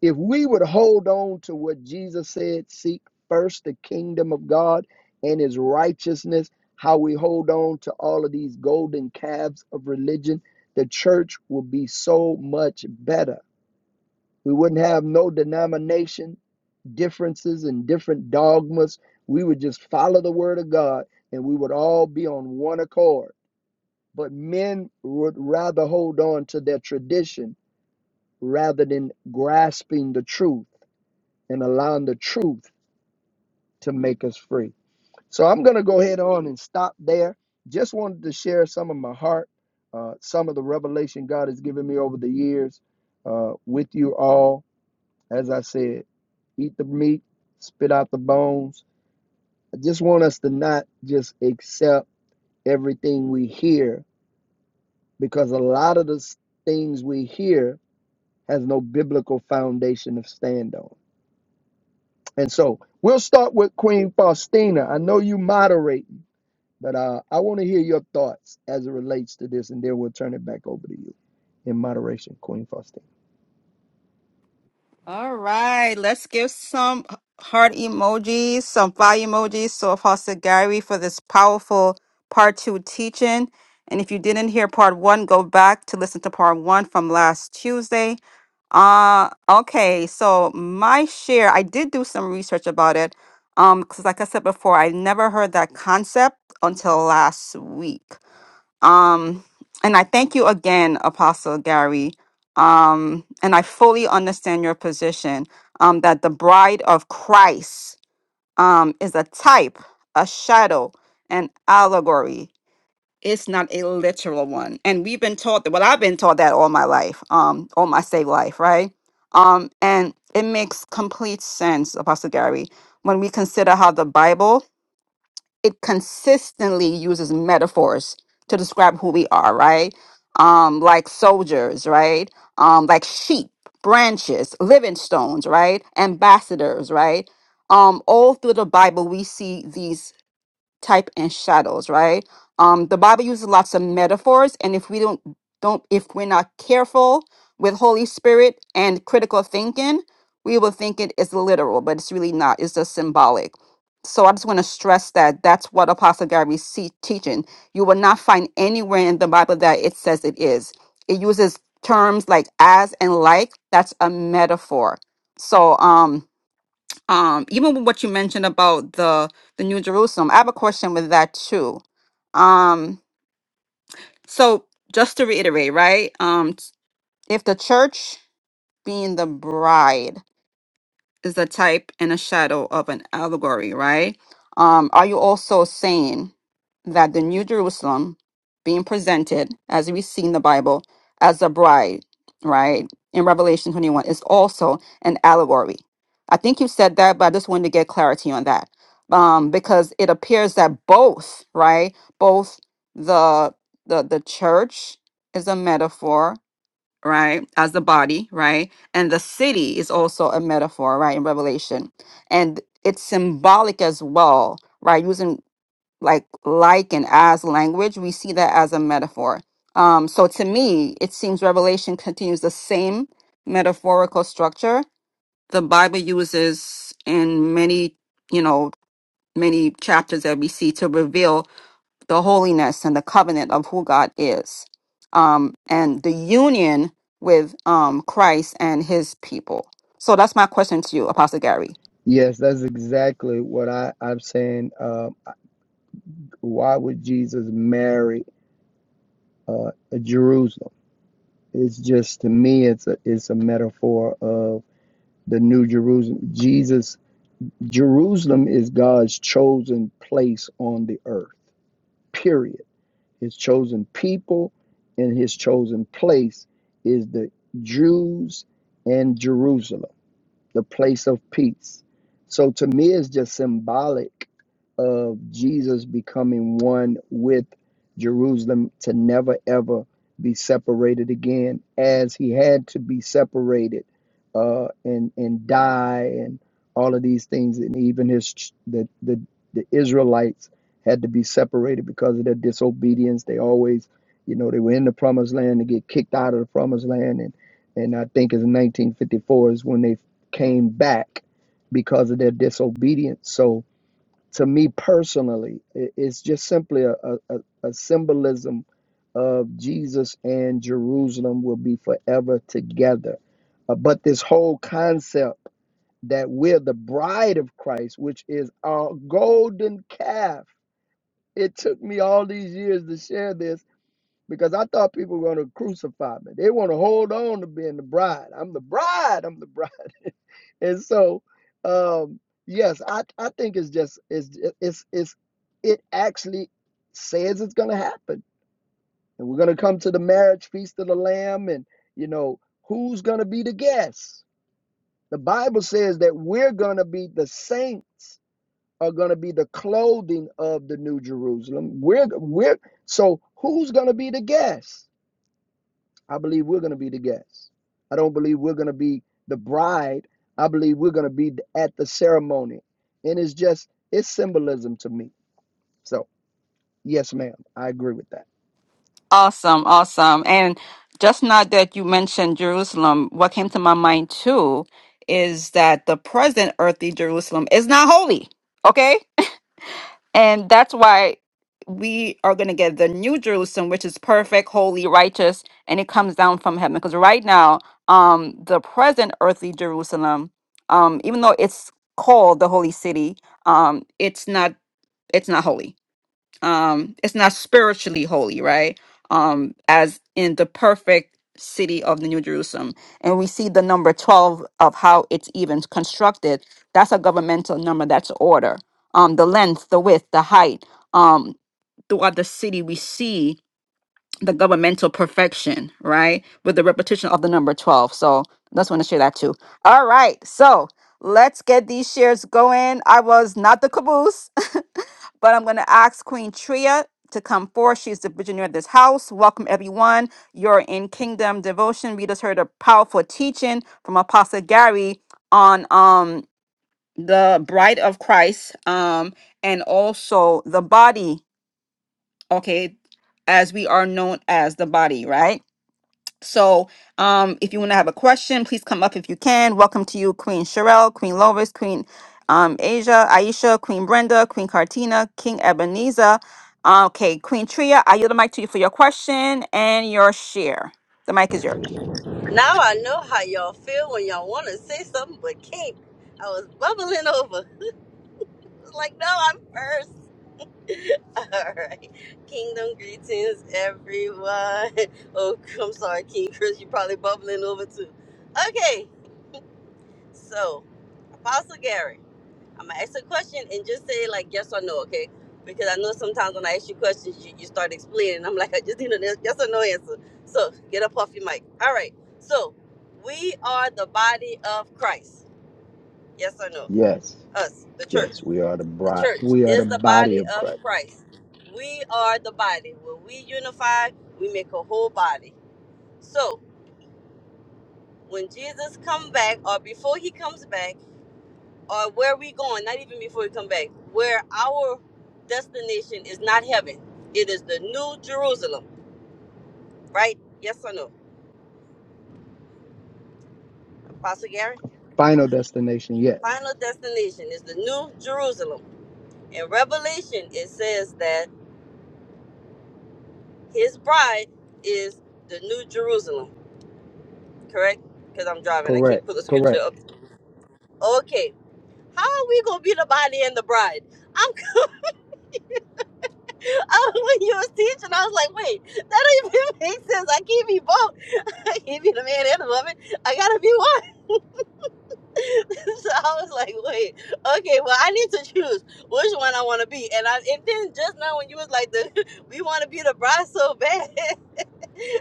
If we would hold on to what Jesus said, seek first the kingdom of God and his righteousness, how we hold on to all of these golden calves of religion, the church would be so much better. We wouldn't have no denomination differences and different dogmas. We would just follow the word of God and we would all be on one accord. But men would rather hold on to their tradition rather than grasping the truth and allowing the truth to make us free. So I'm going to go ahead on and stop there. Just wanted to share some of my heart, uh, some of the revelation God has given me over the years uh, with you all. As I said, eat the meat, spit out the bones. I just want us to not just accept everything we hear because a lot of the things we hear has no biblical foundation to stand on. And so we'll start with Queen Faustina. I know you moderate. But uh, I want to hear your thoughts as it relates to this, and then we'll turn it back over to you in moderation, Queen Faustine.
All right, let's give some heart emojis, some fire emojis to Apostle Gary for this powerful part two teaching. And if you didn't hear part one, go back to listen to part one from last Tuesday. Uh, okay, so my share, I did do some research about it. Um, because like I said before, I never heard that concept until last week. Um, and I thank you again, Apostle Gary. Um, and I fully understand your position um, that the bride of Christ um, is a type, a shadow, an allegory. It's not a literal one. And we've been taught that, well, I've been taught that all my life, um, all my saved life, right? Um, and it makes complete sense, Apostle Gary, when we consider how the Bible it consistently uses metaphors to describe who we are, right? Um, like soldiers, right? Um, like sheep, branches, living stones, right? Ambassadors, right? Um, all through the Bible, we see these type and shadows right um the bible uses lots of metaphors and if we don't don't if we're not careful with holy spirit and critical thinking we will think it is literal but it's really not it's just symbolic so i just want to stress that that's what apostle gary see teaching you will not find anywhere in the bible that it says it is it uses terms like as and like that's a metaphor so um um even with what you mentioned about the the new jerusalem i have a question with that too um so just to reiterate right um if the church being the bride is a type and a shadow of an allegory, right? Um, are you also saying that the New Jerusalem being presented, as we see in the Bible, as a bride, right, in Revelation 21, is also an allegory? I think you said that, but I just wanted to get clarity on that. Um, because it appears that both, right, both the the the church is a metaphor right as the body right and the city is also a metaphor right in revelation and it's symbolic as well right using like like and as language we see that as a metaphor um so to me it seems revelation continues the same metaphorical structure the bible uses in many you know many chapters that we see to reveal the holiness and the covenant of who God is, um, and the union with um, Christ and His people. So that's my question to you, Apostle Gary.
Yes, that's exactly what I, I'm saying. Um, why would Jesus marry uh, Jerusalem? It's just to me, it's a it's a metaphor of the New Jerusalem. Jesus, Jerusalem is God's chosen place on the earth. Period. His chosen people and his chosen place is the Jews and Jerusalem the place of peace. So to me, it's just symbolic of Jesus becoming one with Jerusalem to never ever be separated again, as he had to be separated uh, and and die and all of these things, and even his ch- the the the Israelites had to be separated because of their disobedience. They always, you know, they were in the promised land to get kicked out of the promised land and and I think it's 1954 is when they came back because of their disobedience. So, to me personally, i- it's just simply a, a, a a symbolism of Jesus and Jerusalem will be forever together. Uh, but this whole concept that we're the bride of Christ, which is our golden calf, it took me all these years to share this because I thought people were going to crucify me. They want to hold on to being the bride. I'm the bride. I'm the bride and so um yes i i think it's just it's it's it's it actually says it's going to happen and we're going to come to the marriage feast of the lamb and you know who's going to be the guests? the bible says that we're going to be the saints are going to be the clothing of the new jerusalem we're we're so who's going to be the guests? I believe we're going to be the guests. I don't believe we're going to be the bride. I believe we're going to be at the ceremony. And it's just, it's symbolism to me. So, yes, ma'am, I agree with that.
Awesome, awesome. And just now that you mentioned Jerusalem, what came to my mind too is that the present earthly Jerusalem is not holy. Okay? And that's why we are going to get the new Jerusalem, which is perfect, holy, righteous, and it comes down from heaven. Because right now, um, the present earthly Jerusalem, um, even though it's called the holy city, um, it's not it's not holy um it's not spiritually holy right um as in the perfect city of the new jerusalem and we see the number 12 of how it's even constructed that's a governmental number that's order um the length the width the height um throughout the city we see the governmental perfection, right? With the repetition of the number 12. So just want to share that too. All right. So let's get these shares going. I was not the caboose, but I'm going to ask Queen Tria to come forth. She's the visionary of this house. Welcome, everyone. You're in Kingdom Devotion. We just heard a powerful teaching from Apostle Gary on um the bride of Christ um and also the body okay as we are known as the body right so um if you want to have a question please come up if you can welcome to you queen Sherelle, queen lovis queen um asia aisha queen brenda queen cartina king ebenezer Uh, okay queen tria i yield the mic to you for your question and your share the mic is yours
Now I know how y'all feel when y'all want to say something but can't. I was bubbling over. I was like, no, I'm first. All right. Kingdom greetings, everyone. Oh, I'm sorry, King Chris. You're probably bubbling over too. Okay. So, Apostle Gary, I'm going to ask a question and just say, like, yes or no, okay? Because I know sometimes when I ask you questions, you, you start explaining. I'm like, I just need a yes yes or no answer. So, get up off your mic. All right. So, we are the body of Christ Yes or no?
Yes,
Us, the church.
yes, we are the
The
bride.
church
We are
is
the
the
body
body
of
of
Christ.
Christ. We are the body. When we unify, we make a whole body. So when Jesus come back, or before he comes back, or where we going, not even before he come back, where our destination is not heaven. It is the new Jerusalem, right? Yes or no? Apostle Gary?
Final destination, yes.
Final destination is the new Jerusalem. In Revelation, it says that his bride is the new Jerusalem correct? Because I'm driving, I can't
Correct,
pull the scripture
correct.
up. Okay, how are we gonna be the body and the bride? I'm I, when you was teaching, I was like, wait, that don't even make sense. I can't be both. I can't be the man and the woman. I gotta be one. so I was like, wait, okay, well I need to choose which one I want to be. And I and then just now when you was like the we want to be the bride so bad,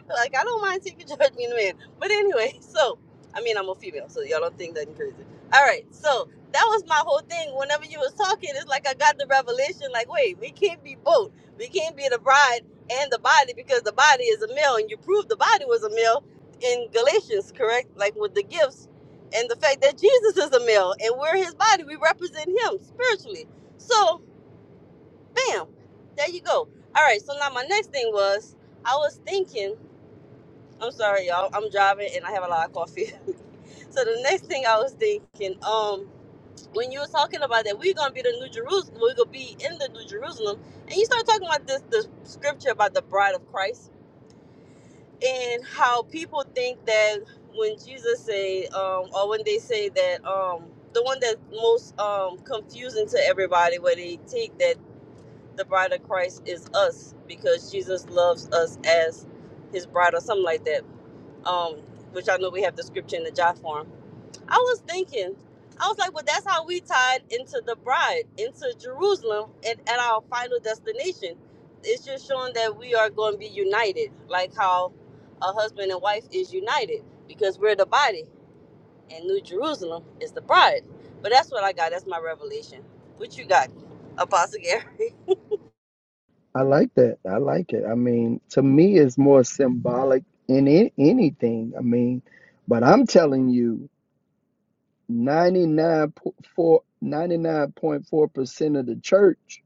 Like I don't mind taking you judge a man. But anyway, so I mean I'm a female, so y'all don't think that I'm crazy. Alright, so that was my whole thing. Whenever you was talking, it's like I got the revelation, like, wait, we can't be both. We can't be the bride and the body because the body is a male and you proved the body was a male in Galatians, correct? Like with the gifts and the fact that Jesus is a male and we're his body. We represent him spiritually. So bam, there you go. All right, so now my next thing was I was thinking I'm sorry, y'all. I'm driving and I have a lot of coffee. so the next thing I was thinking, um, when you were talking about that we're gonna be the New Jerusalem, we're gonna be in the New Jerusalem, and you start talking about this the scripture about the bride of Christ and how people think that when Jesus say, um, or when they say that, um, the one that's most um confusing to everybody, where they think that the bride of Christ is us because Jesus loves us as his bride or something like that um, which I know we have the scripture in the job form. I was thinking, I was like, well, that's how we tied into the bride, into Jerusalem, and at our final destination. It's just showing that we are going to be united, like how a husband and wife is united, because we're the body, and New Jerusalem is the bride. But that's what I got. That's my revelation. What you got, Apostle Gary?
I like that. I like it. I mean, to me, it's more symbolic in it, anything. I mean, but I'm telling you. 99.4 99.4% of the church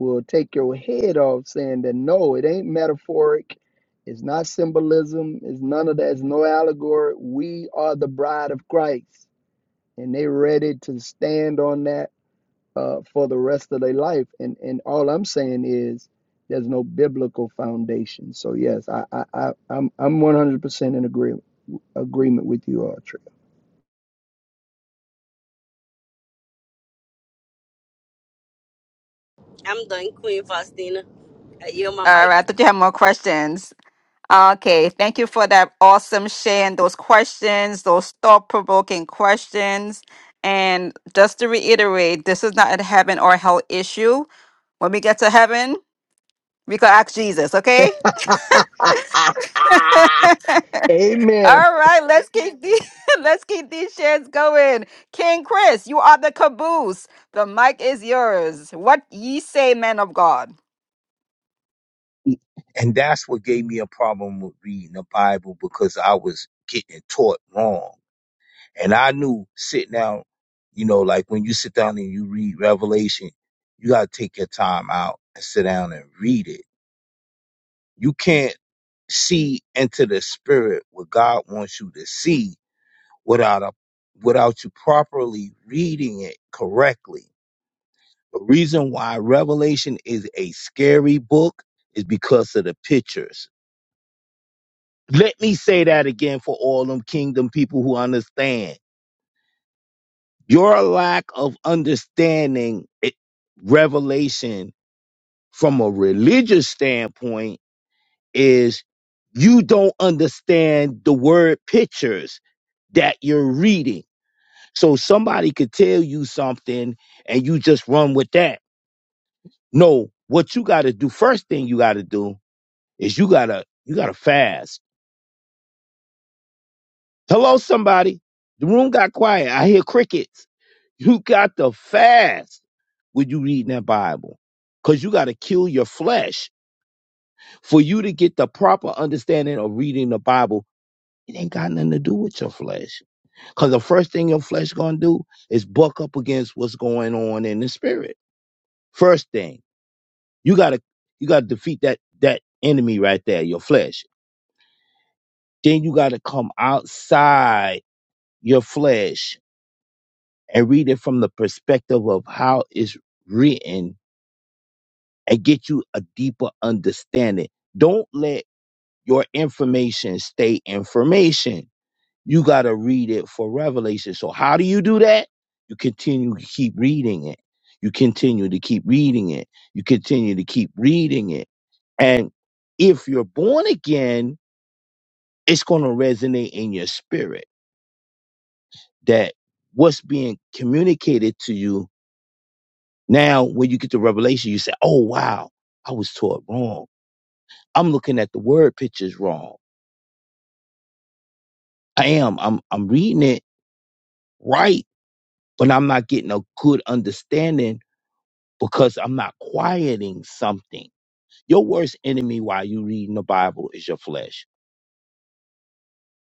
will take your head off saying that no, it ain't metaphoric. It's not symbolism. It's none of that. It's no allegory. We are the bride of Christ. And they're ready to stand on that uh, for the rest of their life. And, and all I'm saying is there's no biblical foundation. So, yes, I, I, I, I'm, I'm 100% in agree, agreement with you, all, Trey.
I'm done, Queen Faustina. I yield my
all
mic.
right i thought you had more questions Okay, thank you for that awesome share and those questions, those thought provoking questions. And just to reiterate, this is not a heaven or hell issue. When we get to heaven, we can ask Jesus, okay?
Amen.
All right, let's keep these let's keep these shares going. King Chris, you are the caboose. The mic is yours. What ye say, man of God?
And that's what gave me a problem with reading the Bible because I was getting it taught wrong And I knew sitting down, you know, like when you sit down and you read Revelation, you got to take your time out and sit down and read it. You can't see into the spirit what God wants you to see without a without you properly reading it correctly. The reason why Revelation is a scary book is because of the pictures. Let me say that again for all them kingdom people who understand. Your lack of understanding it, revelation from a religious standpoint is you don't understand the word pictures that you're reading. So somebody could tell you something and you just run with that. No, what you got to do first thing you got to do is you got to you got to fast Hello, somebody. The room got quiet. I hear crickets. You got to fast when you reading that Bible. Because you got to kill your flesh for you to get the proper understanding of reading the Bible. It ain't got nothing to do with your flesh. Because the first thing your flesh going to do is buck up against what's going on in the spirit. First thing, you got to you got to defeat that that enemy right there, your flesh. Then you got to come outside your flesh and read it from the perspective of how it's written and get you a deeper understanding. Don't let your information stay information. You got to read it for revelation. So, how do you do that? You continue to keep reading it. You continue to keep reading it. You continue to keep reading it. And if you're born again, it's going to resonate in your spirit that what's being communicated to you Now, when you get to Revelation, you say, "Oh wow, I was taught wrong. I'm looking at the word pictures wrong. I am. I'm I'm reading it right, but I'm not getting a good understanding because I'm not quieting something. Your worst enemy while you reading the Bible is your flesh.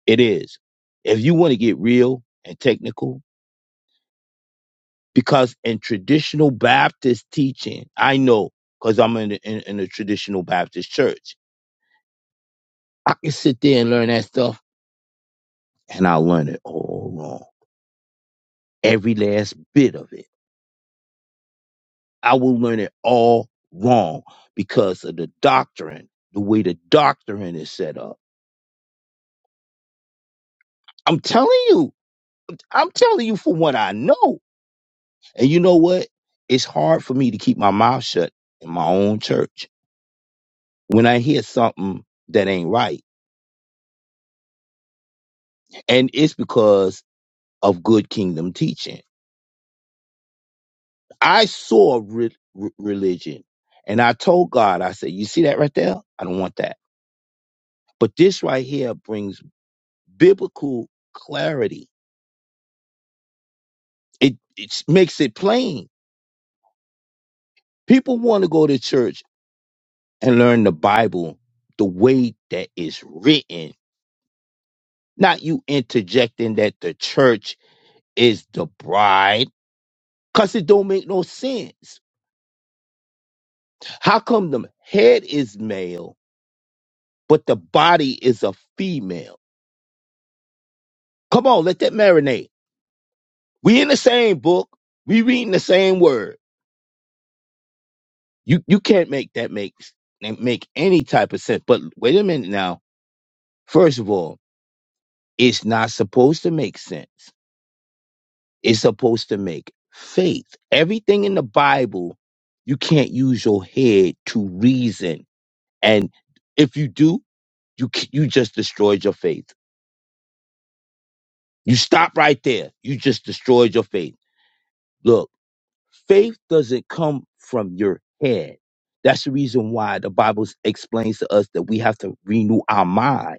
It is. If you want to get real and technical, because in traditional Baptist teaching, I know because I'm in, in in a traditional Baptist church. I can sit there and learn that stuff and I'll learn it all wrong. Every last bit of it. I will learn it all wrong because of the doctrine, the way the doctrine is set up. I'm telling you, I'm telling you for what I know. And you know what? It's hard for me to keep my mouth shut in my own church when I hear something that ain't right. And it's because of good kingdom teaching. I saw re- re- religion and I told God, I said, You see that right there? I don't want that. But this right here brings biblical clarity. It it makes it plain. People want to go to church and learn the Bible the way that it's written, not you interjecting that the church is the bride, cause it don't make no sense. How come the head is male but the body is a female? Come on, let that marinate. We in the same book. We reading the same word You you can't make that make make any type of sense. But wait a minute now. First of all, it's not supposed to make sense. It's supposed to make faith. Everything in the Bible, you can't use your head to reason. And if you do, you c- you just destroyed your faith. You stop right there. You just destroyed your faith. Look, faith doesn't come from your head. That's the reason why the Bible explains to us that we have to renew our mind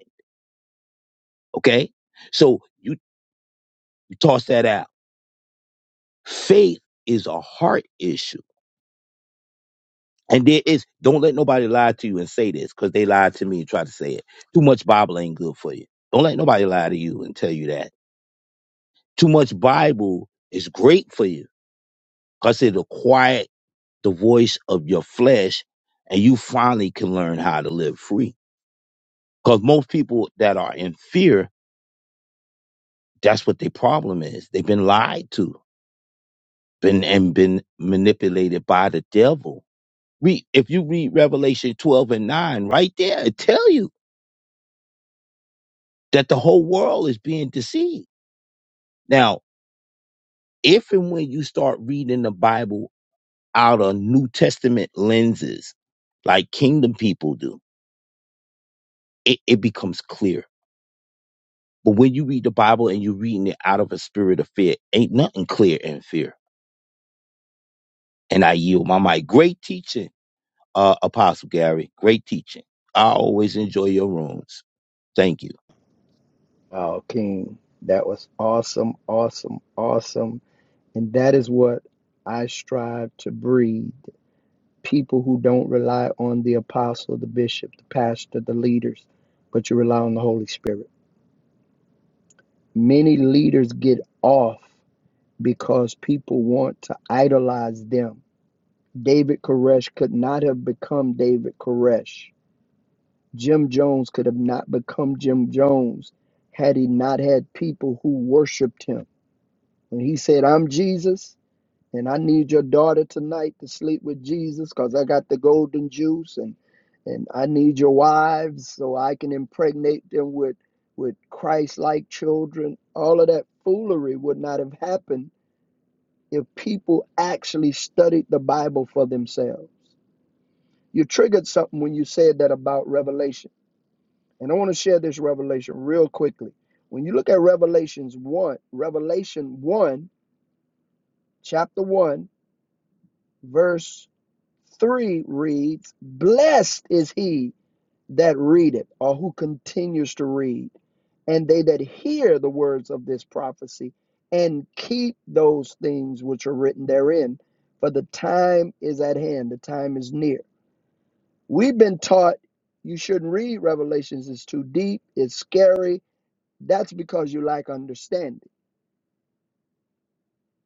Okay. So you toss that out. Faith is a heart issue. And there is, don't let nobody lie to you and say this because they lied to me and tried to say it. Too much Bible ain't good for you. Don't let nobody lie to you and tell you that. Too much Bible is great for you because it'll quiet the voice of your flesh and you finally can learn how to live free. Because most people that are in fear, that's what their problem is. They've been lied to been, and been manipulated by the devil Read if you read Revelation 12 and 9, right there, it tell you that the whole world is being deceived. Now, if and when you start reading the Bible out of New Testament lenses, like kingdom people do, it, it becomes clear. But when you read the Bible and you're reading it out of a spirit of fear, ain't nothing clear in fear. And I yield my mic. Great teaching, uh, Apostle Gary. Great teaching. I always enjoy your rooms. Thank you.
Wow, King, that was awesome, awesome, awesome. And that is what I strive to breed people who don't rely on the apostle, the bishop, the pastor, the leaders, but you rely on the Holy Spirit. Many leaders get off because people want to idolize them. David Koresh could not have become David Koresh. Jim Jones could have not become Jim Jones had he not had people who worshiped him When he said, I'm Jesus, and I need your daughter tonight to sleep with Jesus because I got the golden juice and and I need your wives so I can impregnate them with with Christ-like children. All of that foolery would not have happened if people actually studied the Bible for themselves. You triggered something when you said that about Revelation. And I want to share this revelation real quickly. When you look at Revelations 1, Revelation 1, chapter 1, verse 3 reads, Blessed is he that readeth, or who continues to read, and they that hear the words of this prophecy, and keep those things which are written therein, for the time is at hand, the time is near. We've been taught you shouldn't read Revelations, it's too deep, it's scary. That's because you lack understanding.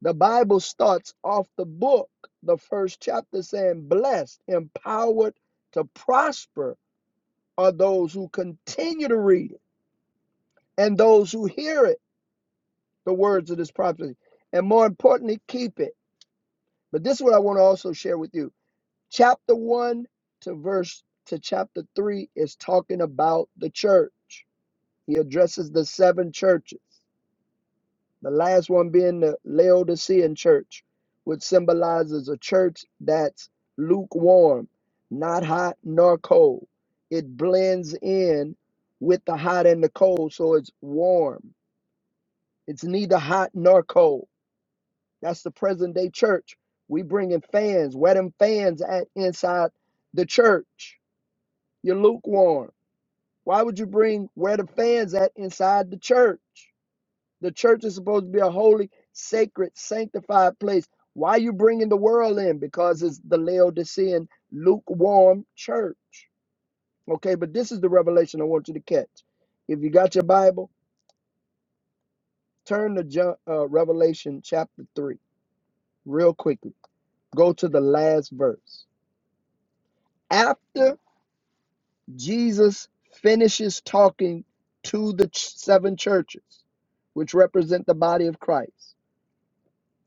The Bible starts off the book, the first chapter, saying, Blessed, empowered to prosper are those who continue to read it and those who hear it, the words of this prophecy, and more importantly, keep it. But this is what I want to also share with you. Chapter 1 to verse to chapter 3 is talking about the church. He addresses the seven churches. The last one being the Laodicean church, which symbolizes a church that's lukewarm, not hot nor cold. It blends in with the hot and the cold, so it's warm. It's neither hot nor cold. That's the present day church. We bringing fans, wet them fans at inside the church. You're lukewarm. Why would you bring where the fans at inside the church? The church is supposed to be a holy, sacred, sanctified place. Why are you bringing the world in? Because it's the Laodicean, lukewarm church. Okay, but this is the revelation I want you to catch. If you got your Bible, turn to John, uh, Revelation chapter 3 real quickly. Go to the last verse. After Jesus finishes talking to the ch- seven churches, which represent the body of Christ,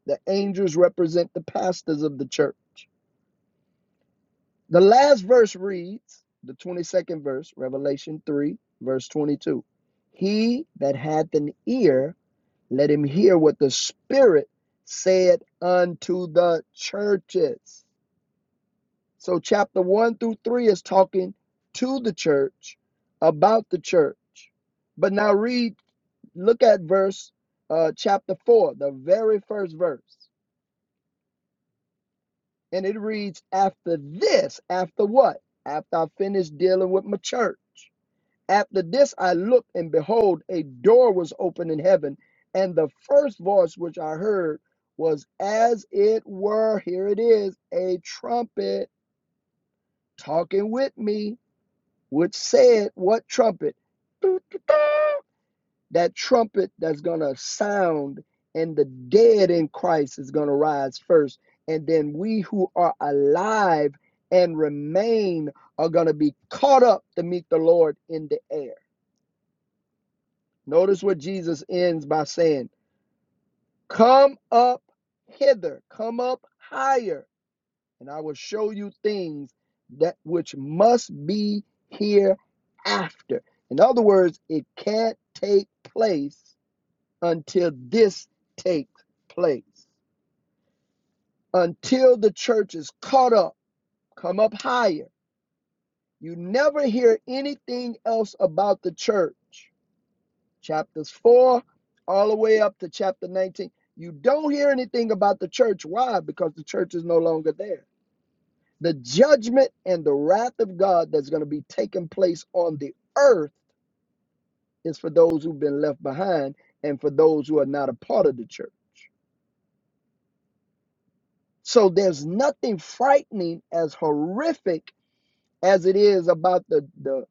the angels represent the pastors of the church. The last verse reads, the 22nd verse, Revelation 3, verse 22. He that hath an ear, let him hear what the Spirit said unto the churches. So, chapter 1 through 3 is talking to the church, about the church. But now, read, look at verse, uh, chapter 4, the very first verse. And it reads, After this, after what? After I finish dealing with my church. After this, I looked, and behold, a door was opened in heaven. And the first voice which I heard was as it were, here it is, a trumpet talking with me, which said, What trumpet? That trumpet that's going to sound, and the dead in Christ is going to rise first. And then we who are alive and remain are going to be caught up to meet the Lord in the air. Notice what Jesus ends by saying Come up hither, come up higher, and I will show you things that which must be hereafter. In other words, it can't take place until this takes place. Until the church is caught up, come up higher. You never hear anything else about the church chapters 4 all the way up to chapter 19. You don't hear anything about the church. Why? Because the church is no longer there. The judgment and the wrath of God that's going to be taking place on the earth is for those who've been left behind and for those who are not a part of the church. So there's nothing frightening as horrific as it is about the the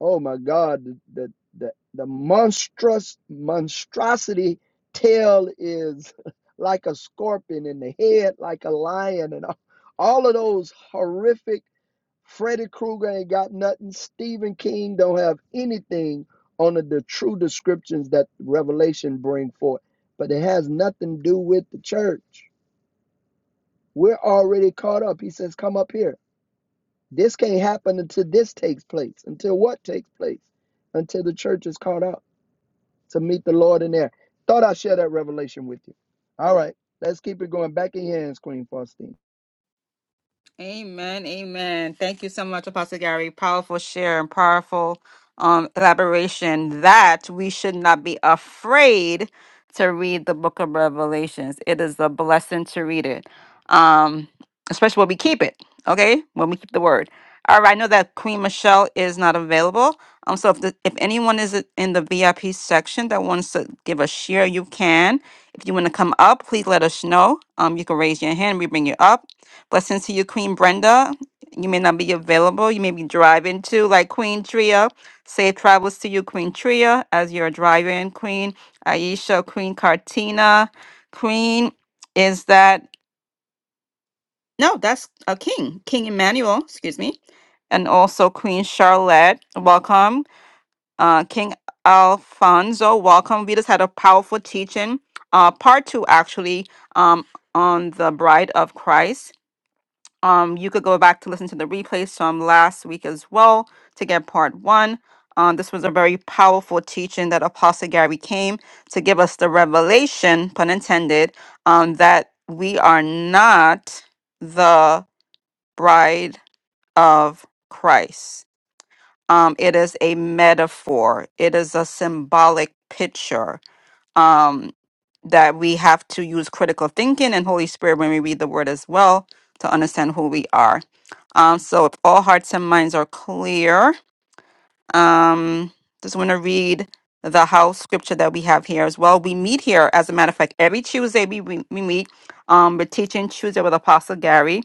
oh my god the the the, the monstrous monstrosity tail is like a scorpion in the head like a lion and all, all of those horrific freddy krueger ain't got nothing stephen king don't have anything on the, the true descriptions that revelation bring forth but it has nothing to do with the church we're already caught up he says come up here this can't happen until this takes place. Until what takes place? Until the church is caught up to meet the Lord in there. Thought I'd share that revelation with you. All right, let's keep it going. Back in your hands, Queen Faustine.
Amen. Amen. Thank you so much, Apostle Gary. Powerful share and powerful um, elaboration that we should not be afraid to read the book of Revelations. It is a blessing to read it, um, especially when we keep it, okay? When we keep the word. All right, I know that Queen Michelle is not available. Um, so if, the, if anyone is in the VIP section that wants to give a share, you can. If you want to come up, please let us know. Um, you can raise your hand. We bring you up Blessings to you, Queen Brenda. You may not be available. You may be driving too, like Queen Tria. Safe travels to you, Queen Tria, as you're driving. Queen Aisha, Queen Cartina. Queen is that, no, that's a king, King Emmanuel, excuse me. And also Queen Charlotte, welcome. Uh, King Alfonso, welcome. We just had a powerful teaching, uh, part two actually, um, on the bride of Christ um, you could go back to listen to the replays from last week as well to get part one. Um, this was a very powerful teaching that Apostle Gary came to give us the revelation, pun intended, um, that we are not the bride of Christ. Um, it is a metaphor, it is a symbolic picture um, that we have to use critical thinking and Holy Spirit when we read the word as well to understand who we are. Um, so if all hearts and minds are clear, um, just want to read the house scripture that we have here as well. We meet here, as a matter of fact, every Tuesday we, we, we meet. Um, we're teaching Tuesday with Apostle Gary,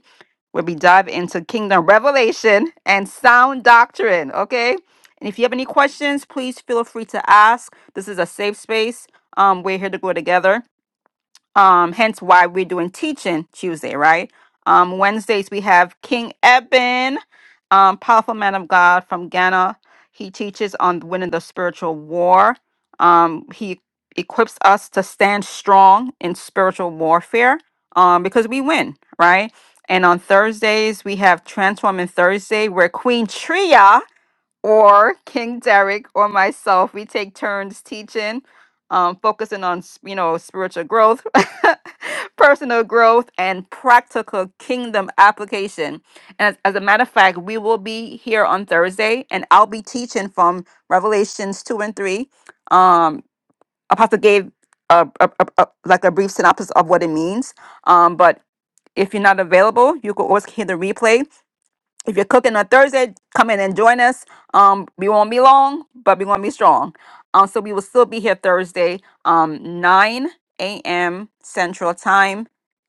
where we dive into kingdom revelation and sound doctrine. Okay. And if you have any questions, please feel free to ask. This is a safe space. Um, we're here to grow together. Um, hence why we're doing teaching Tuesday, right? Um, Wednesdays we have King Eben, um, powerful man of God from Ghana. He teaches on winning the spiritual war. Um, he equips us to stand strong in spiritual warfare um, because we win, right? And on Thursdays we have Transforming Thursday, where Queen Tria or King Derek or myself, we take turns teaching, um, focusing on s- you know spiritual growth, personal growth, and practical kingdom application. And as, as a matter of fact, we will be here on Thursday, and I'll be teaching from Revelations two and three. Um, Apostle gave a, a, a, a- like a brief synopsis of what it means, um, but if you're not available, you can always hear the replay. If you're cooking on Thursday, come in and join us. Um, we won't be long, but we won't be strong. Um, so we will still be here Thursday, um, 9 a.m. Central Time,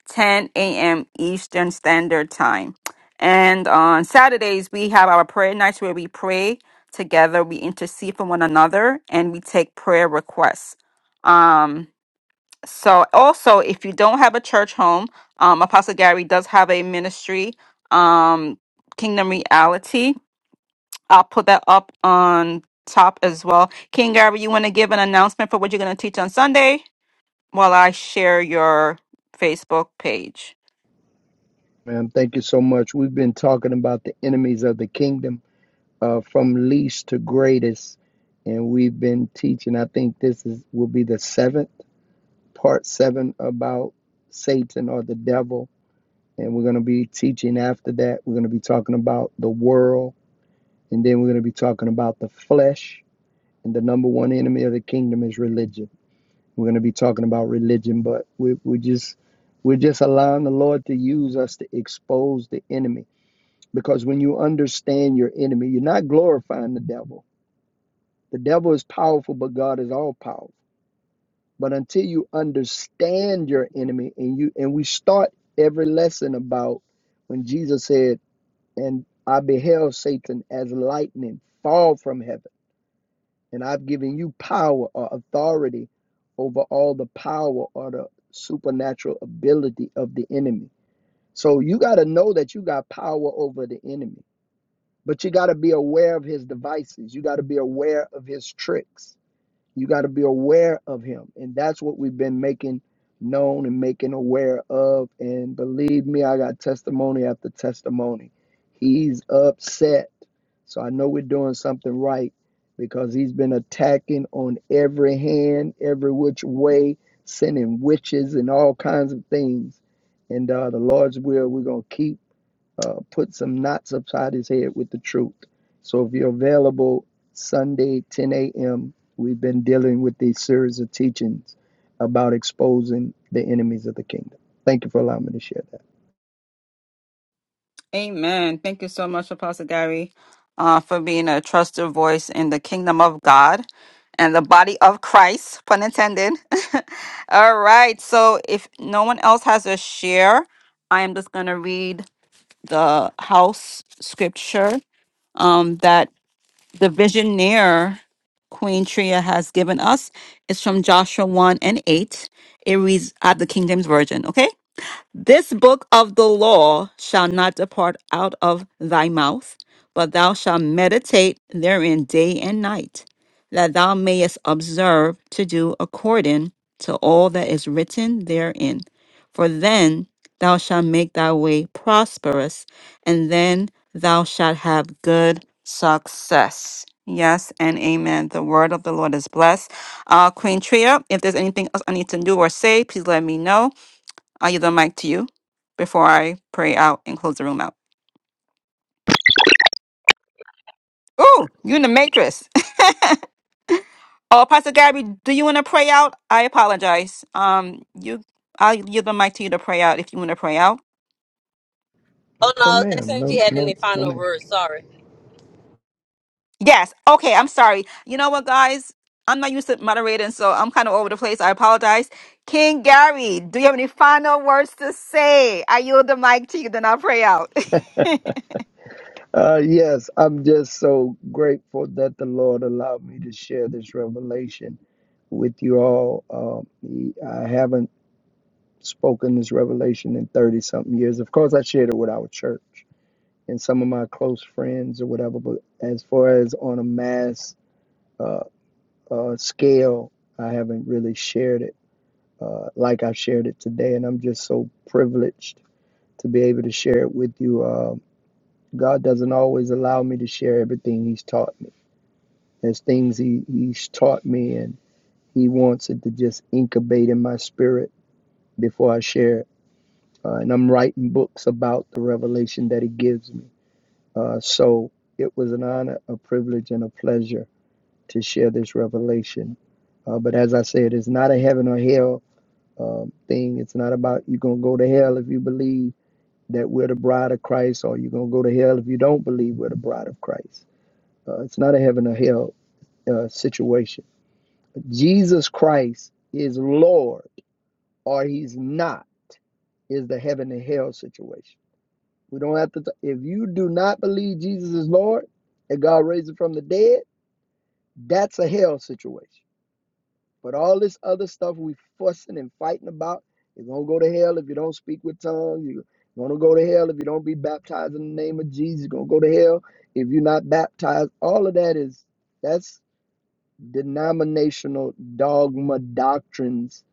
10 a.m. Eastern Standard Time. And on Saturdays, we have our prayer nights where we pray together, we intercede for one another, and we take prayer requests. Um, so also, if you don't have a church home, um, Apostle Gary does have a ministry, um, Kingdom Reality. I'll put that up on top as well. King Gary, you want to give an announcement for what you're going to teach on Sunday while I share your Facebook page?
Ma'am, thank you so much. We've been talking about the enemies of the kingdom uh, from least to greatest. And we've been teaching, I think this is will be the seventh, part seven about Satan or the devil. And we're going to be teaching after that. We're going to be talking about the world And then we're going to be talking about the flesh. And the number one enemy of the kingdom is religion. We're going to be talking about religion, but we, we just we're just allowing the Lord to use us to expose the enemy. Because when you understand your enemy, you're not glorifying the devil. The devil is powerful, but God is all powerful. But until you understand your enemy and you and we start every lesson about when Jesus said, And I beheld Satan as lightning fall from heaven. And I've given you power or authority over all the power or the supernatural ability of the enemy. So you got to know that you got power over the enemy, but you got to be aware of his devices. You got to be aware of his tricks. You got to be aware of him. And that's what we've been making known and making aware of. And believe me, I got testimony after testimony. He's upset. So I know we're doing something right because he's been attacking on every hand, every which way, sending witches and all kinds of things. And uh, the Lord's will, we're going to keep uh, put some knots upside his head with the truth. So if you're available Sunday, 10 a.m., we've been dealing with these series of teachings about exposing the enemies of the kingdom. Thank you for allowing me to share that.
Amen. Thank you so much, Apostle Gary, uh, for being a trusted voice in the kingdom of God and the body of Christ, pun intended. All right. So if no one else has a share, I am just going to read the house scripture um, that the visionaire Queen Tria has given us is from Joshua 1 and 8. It reads, At the kingdom's virgin, okay? This book of the law shall not depart out of thy mouth, but thou shalt meditate therein day and night, that thou mayest observe to do according to all that is written therein. For then thou shalt make thy way prosperous, and then thou shalt have good success. Yes and amen. The word of the Lord is blessed. Uh, Queen Tria, if there's anything else I need to do or say, please let me know. I yield the mic to you before I pray out and close the room out. Ooh, you in the matrix. oh, Pastor Gabby, do you want to pray out? I apologize. Um, you, I'll yield the mic to you to pray out if you want to pray out.
Oh no,
Oh,
I was
ma'am.
asking if
No,
you had
no,
any
no,
final
ma'am.
words. Sorry.
Yes. Okay. I'm sorry. You know what, guys? I'm not used to moderating, so I'm kind of over the place. I apologize. King Gary, do you have any final words to say? I yield the mic to you, then I'll pray out.
Uh, yes, I'm just so grateful that the Lord allowed me to share this revelation with you all. Uh, I haven't spoken this revelation in 30 something years. Of course, I shared it with our church and some of my close friends or whatever. But as far as on a mass uh, uh, scale, I haven't really shared it uh, like I've shared it today. And I'm just so privileged to be able to share it with you. Uh, God doesn't always allow me to share everything He's taught me. There's things he, He's taught me, and He wants it to just incubate in my spirit before I share it. Uh, and I'm writing books about the revelation that He gives me. Uh, so it was an honor, a privilege, and a pleasure to share this revelation. Uh, but as I said, it's not a heaven or hell um, thing. It's not about you're going to go to hell if you believe that we're the bride of Christ, or you're going to go to hell if you don't believe we're the bride of Christ. Uh, it's not a heaven or hell uh, situation. Jesus Christ is Lord, or he's not, is the heaven and hell situation. We don't have to, T- if you do not believe Jesus is Lord and God raised him from the dead, that's a hell situation But all this other stuff we fussing and fighting about, you're gonna go to hell if you don't speak with tongues. You're gonna go to hell if you don't be baptized in the name of Jesus. You're gonna go to hell if you're not baptized. All of that is that's denominational dogma doctrines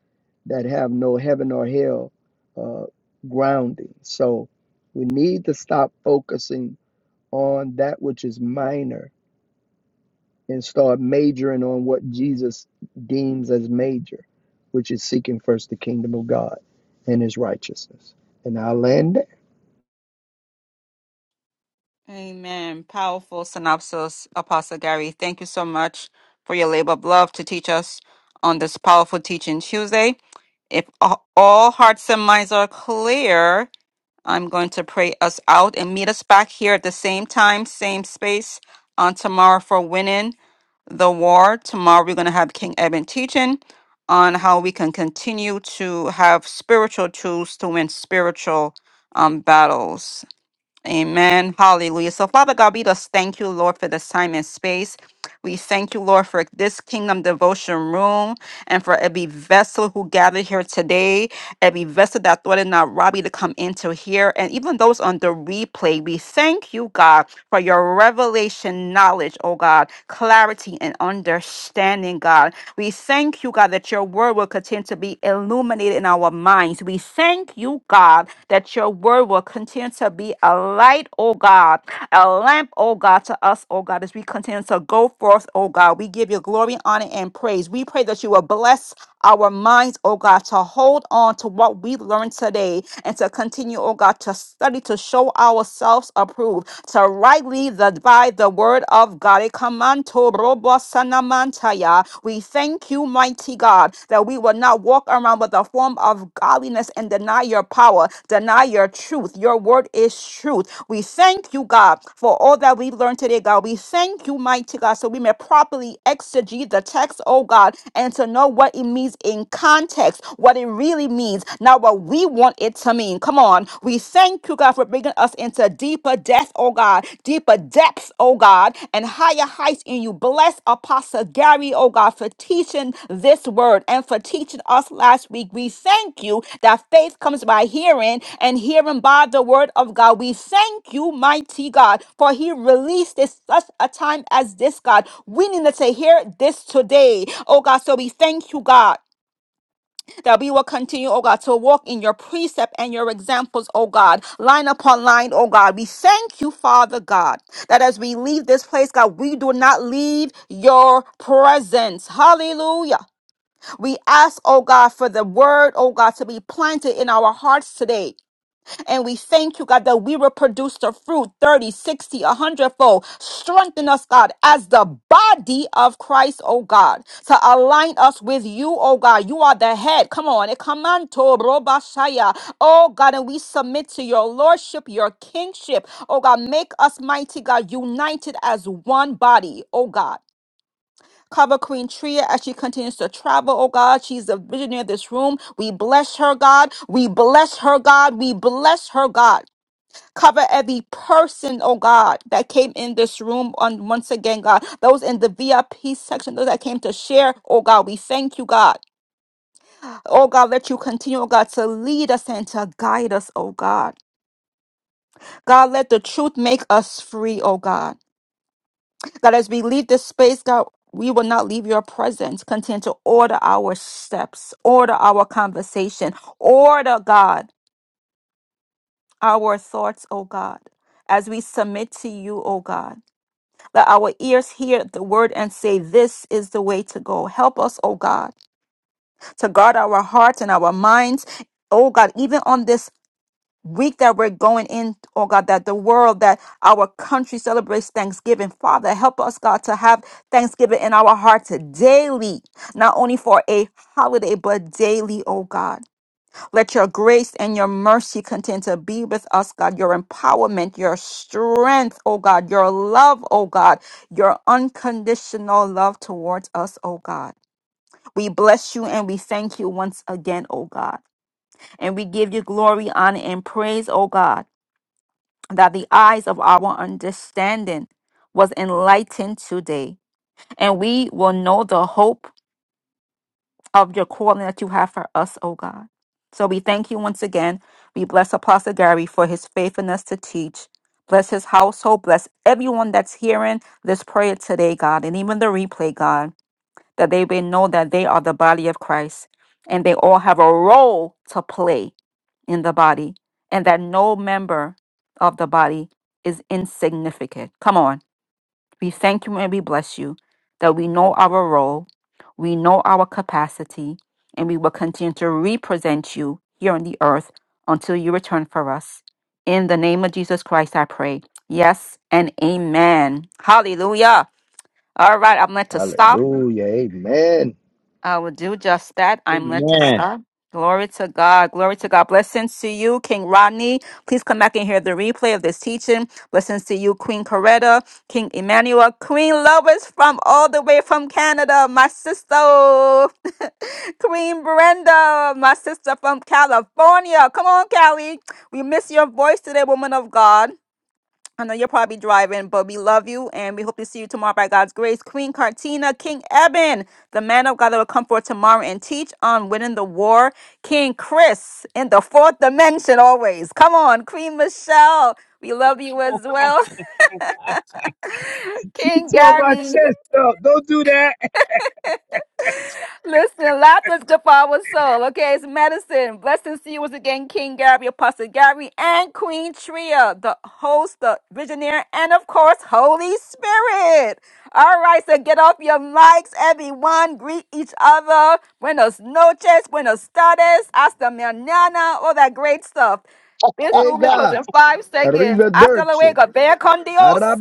that have no heaven or hell uh, grounding. So we need to stop focusing on that which is minor and start majoring on what Jesus deems as major, which is seeking first the kingdom of God and his righteousness. And I'll land there.
Amen. Powerful synopsis, Apostle Gary. Thank you so much for your labor of love to teach us on this powerful teaching Tuesday. If a- all hearts and minds are clear, I'm going to pray us out and meet us back here at the same time, same space on tomorrow for winning the war. Tomorrow we're going to have King Eben teaching on how we can continue to have spiritual tools to win spiritual um, battles. Amen. Hallelujah. So, Father God, we just thank you, Lord, for this time and space. We thank you, Lord, for this kingdom devotion room and for every vessel who gathered here today, every vessel that thought it not robbery to come into here, and even those on the replay. We thank you, God, for your revelation knowledge, oh God, clarity and understanding, God. We thank you, God, that your word will continue to be illuminated in our minds. We thank you, God, that your word will continue to be a light, oh God, a lamp, oh God, to us, oh God, as we continue to go forth, oh God. We give you glory, honor, and praise. We pray that you will bless our minds, oh God, to hold on to what we learned today and to continue, oh God, to study, to show ourselves approved, to rightly divide the word of God. Ekamanto robo sanamantaya. We thank you, mighty God. God, that we will not walk around with a form of godliness and deny your power, deny your truth. Your word is truth. We thank you, God, for all that we've learned today, God. We thank you, mighty God, so we may properly exegete the text, oh God, and to know what it means in context, what it really means, not what we want it to mean. Come on. We thank you, God, for bringing us into deeper depths depth, oh God, deeper depths, oh God, and higher heights in you. Bless Apostle Gary, oh God, for teaching this word and for teaching us last week. We thank you that faith comes by hearing and hearing by the word of God. We thank you, mighty God, for he released this such a time as this, God. We need to hear this today, oh God. So we thank you, God that we will continue, oh God, to walk in your precept and your examples, oh God, line upon line, oh God. We thank you, Father God, that as we leave this place, God, we do not leave your presence. Hallelujah. We ask, oh God, for the word, oh God, to be planted in our hearts today. And we thank you, God, that we will produce the fruit thirty, sixty, a 100 fold. Strengthen us, God, as the body of Christ, oh God, to align us with you, oh God. You are the head. Come on. eh, Come to Robashaya. Oh God, and we submit to your lordship, your kingship. Oh God, make us mighty, God, united as one body, oh God. Cover Queen Tria as she continues to travel, oh God. She's the visionary of this room. We bless her, God. We bless her, God. We bless her, God. Cover every person, oh God, that came in this room on once again, God. Those in the VIP section, those that came to share, oh God, we thank you, God. Oh God, let you continue, oh God, to lead us and to guide us, oh God. God, let the truth make us free, oh God. God, as we leave this space, God, we will not leave your presence. Continue to order our steps, order our conversation, order, God, our thoughts, oh God, as we submit to you, oh God. Let our ears hear the word and say, This is the way to go. Help us, oh God, to guard our hearts and our minds. Oh God, even on this week that we're going in, oh God, that the world, that our country celebrates Thanksgiving. Father, help us, God, to have Thanksgiving in our hearts daily, not only for a holiday, but daily, oh God. Let your grace and your mercy continue to be with us, God. Your empowerment, your strength, oh God, your love, oh God, your unconditional love towards us, oh God. We bless you and we thank you once again, oh God. And we give you glory, honor, and praise, oh God, that the eyes of our understanding was enlightened today. And we will know the hope of your calling that you have for us, O God. So we thank you once again. We bless Apostle Gary for his faithfulness to teach. Bless his household. Bless everyone that's hearing this prayer today, God, and even the replay, God, that they may know that they are the body of Christ and they all have a role to play in the body and that no member of the body is insignificant. Come on. We thank you and we bless you that we know our role, we know our capacity, and we will continue to represent you here on the earth until you return for us. In the name of Jesus Christ, I pray. Yes and amen. Hallelujah. All right, I'm going to stop.
Hallelujah. Amen.
I will do just that. I'm led to
Amen.
stop. Glory to God. Glory to God. Blessings to you, King Rodney. Please come back and hear the replay of this teaching. Blessings to you, Queen Coretta, King Emmanuel, Queen Lois from all the way from Canada, my sister. Queen Brenda, my sister from California. Come on, Callie. We miss your voice today, woman of God. I know you're probably driving, but we love you and we hope to see you tomorrow by God's grace. Queen Cartina, King Eben, the man of God that will come forth tomorrow and teach on winning the war. King Chris in the fourth dimension always. Come on, Queen Michelle. We love you as well. King
tore my
Gary.
chest up. Don't do that.
Listen, laughter is good for our soul. Okay, it's medicine. Blessings to you once again, King Gary, Apostle Gary, and Queen Tria, the host, the visionary, and of course, Holy Spirit. All right, so get off your mics, everyone. Greet each other. Buenos noches, buenos tardes, hasta mañana, all that great stuff. This room is closing
Ega.
in five seconds. Hasta
Arrivederci.
luego. Vea con Dios.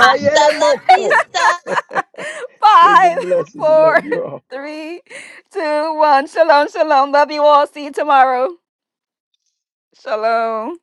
Hasta la vista.
Five,
Kingdom blessings.
four,
Love you all.
three, two, one. Shalom, shalom. Love you all. See you tomorrow. Shalom.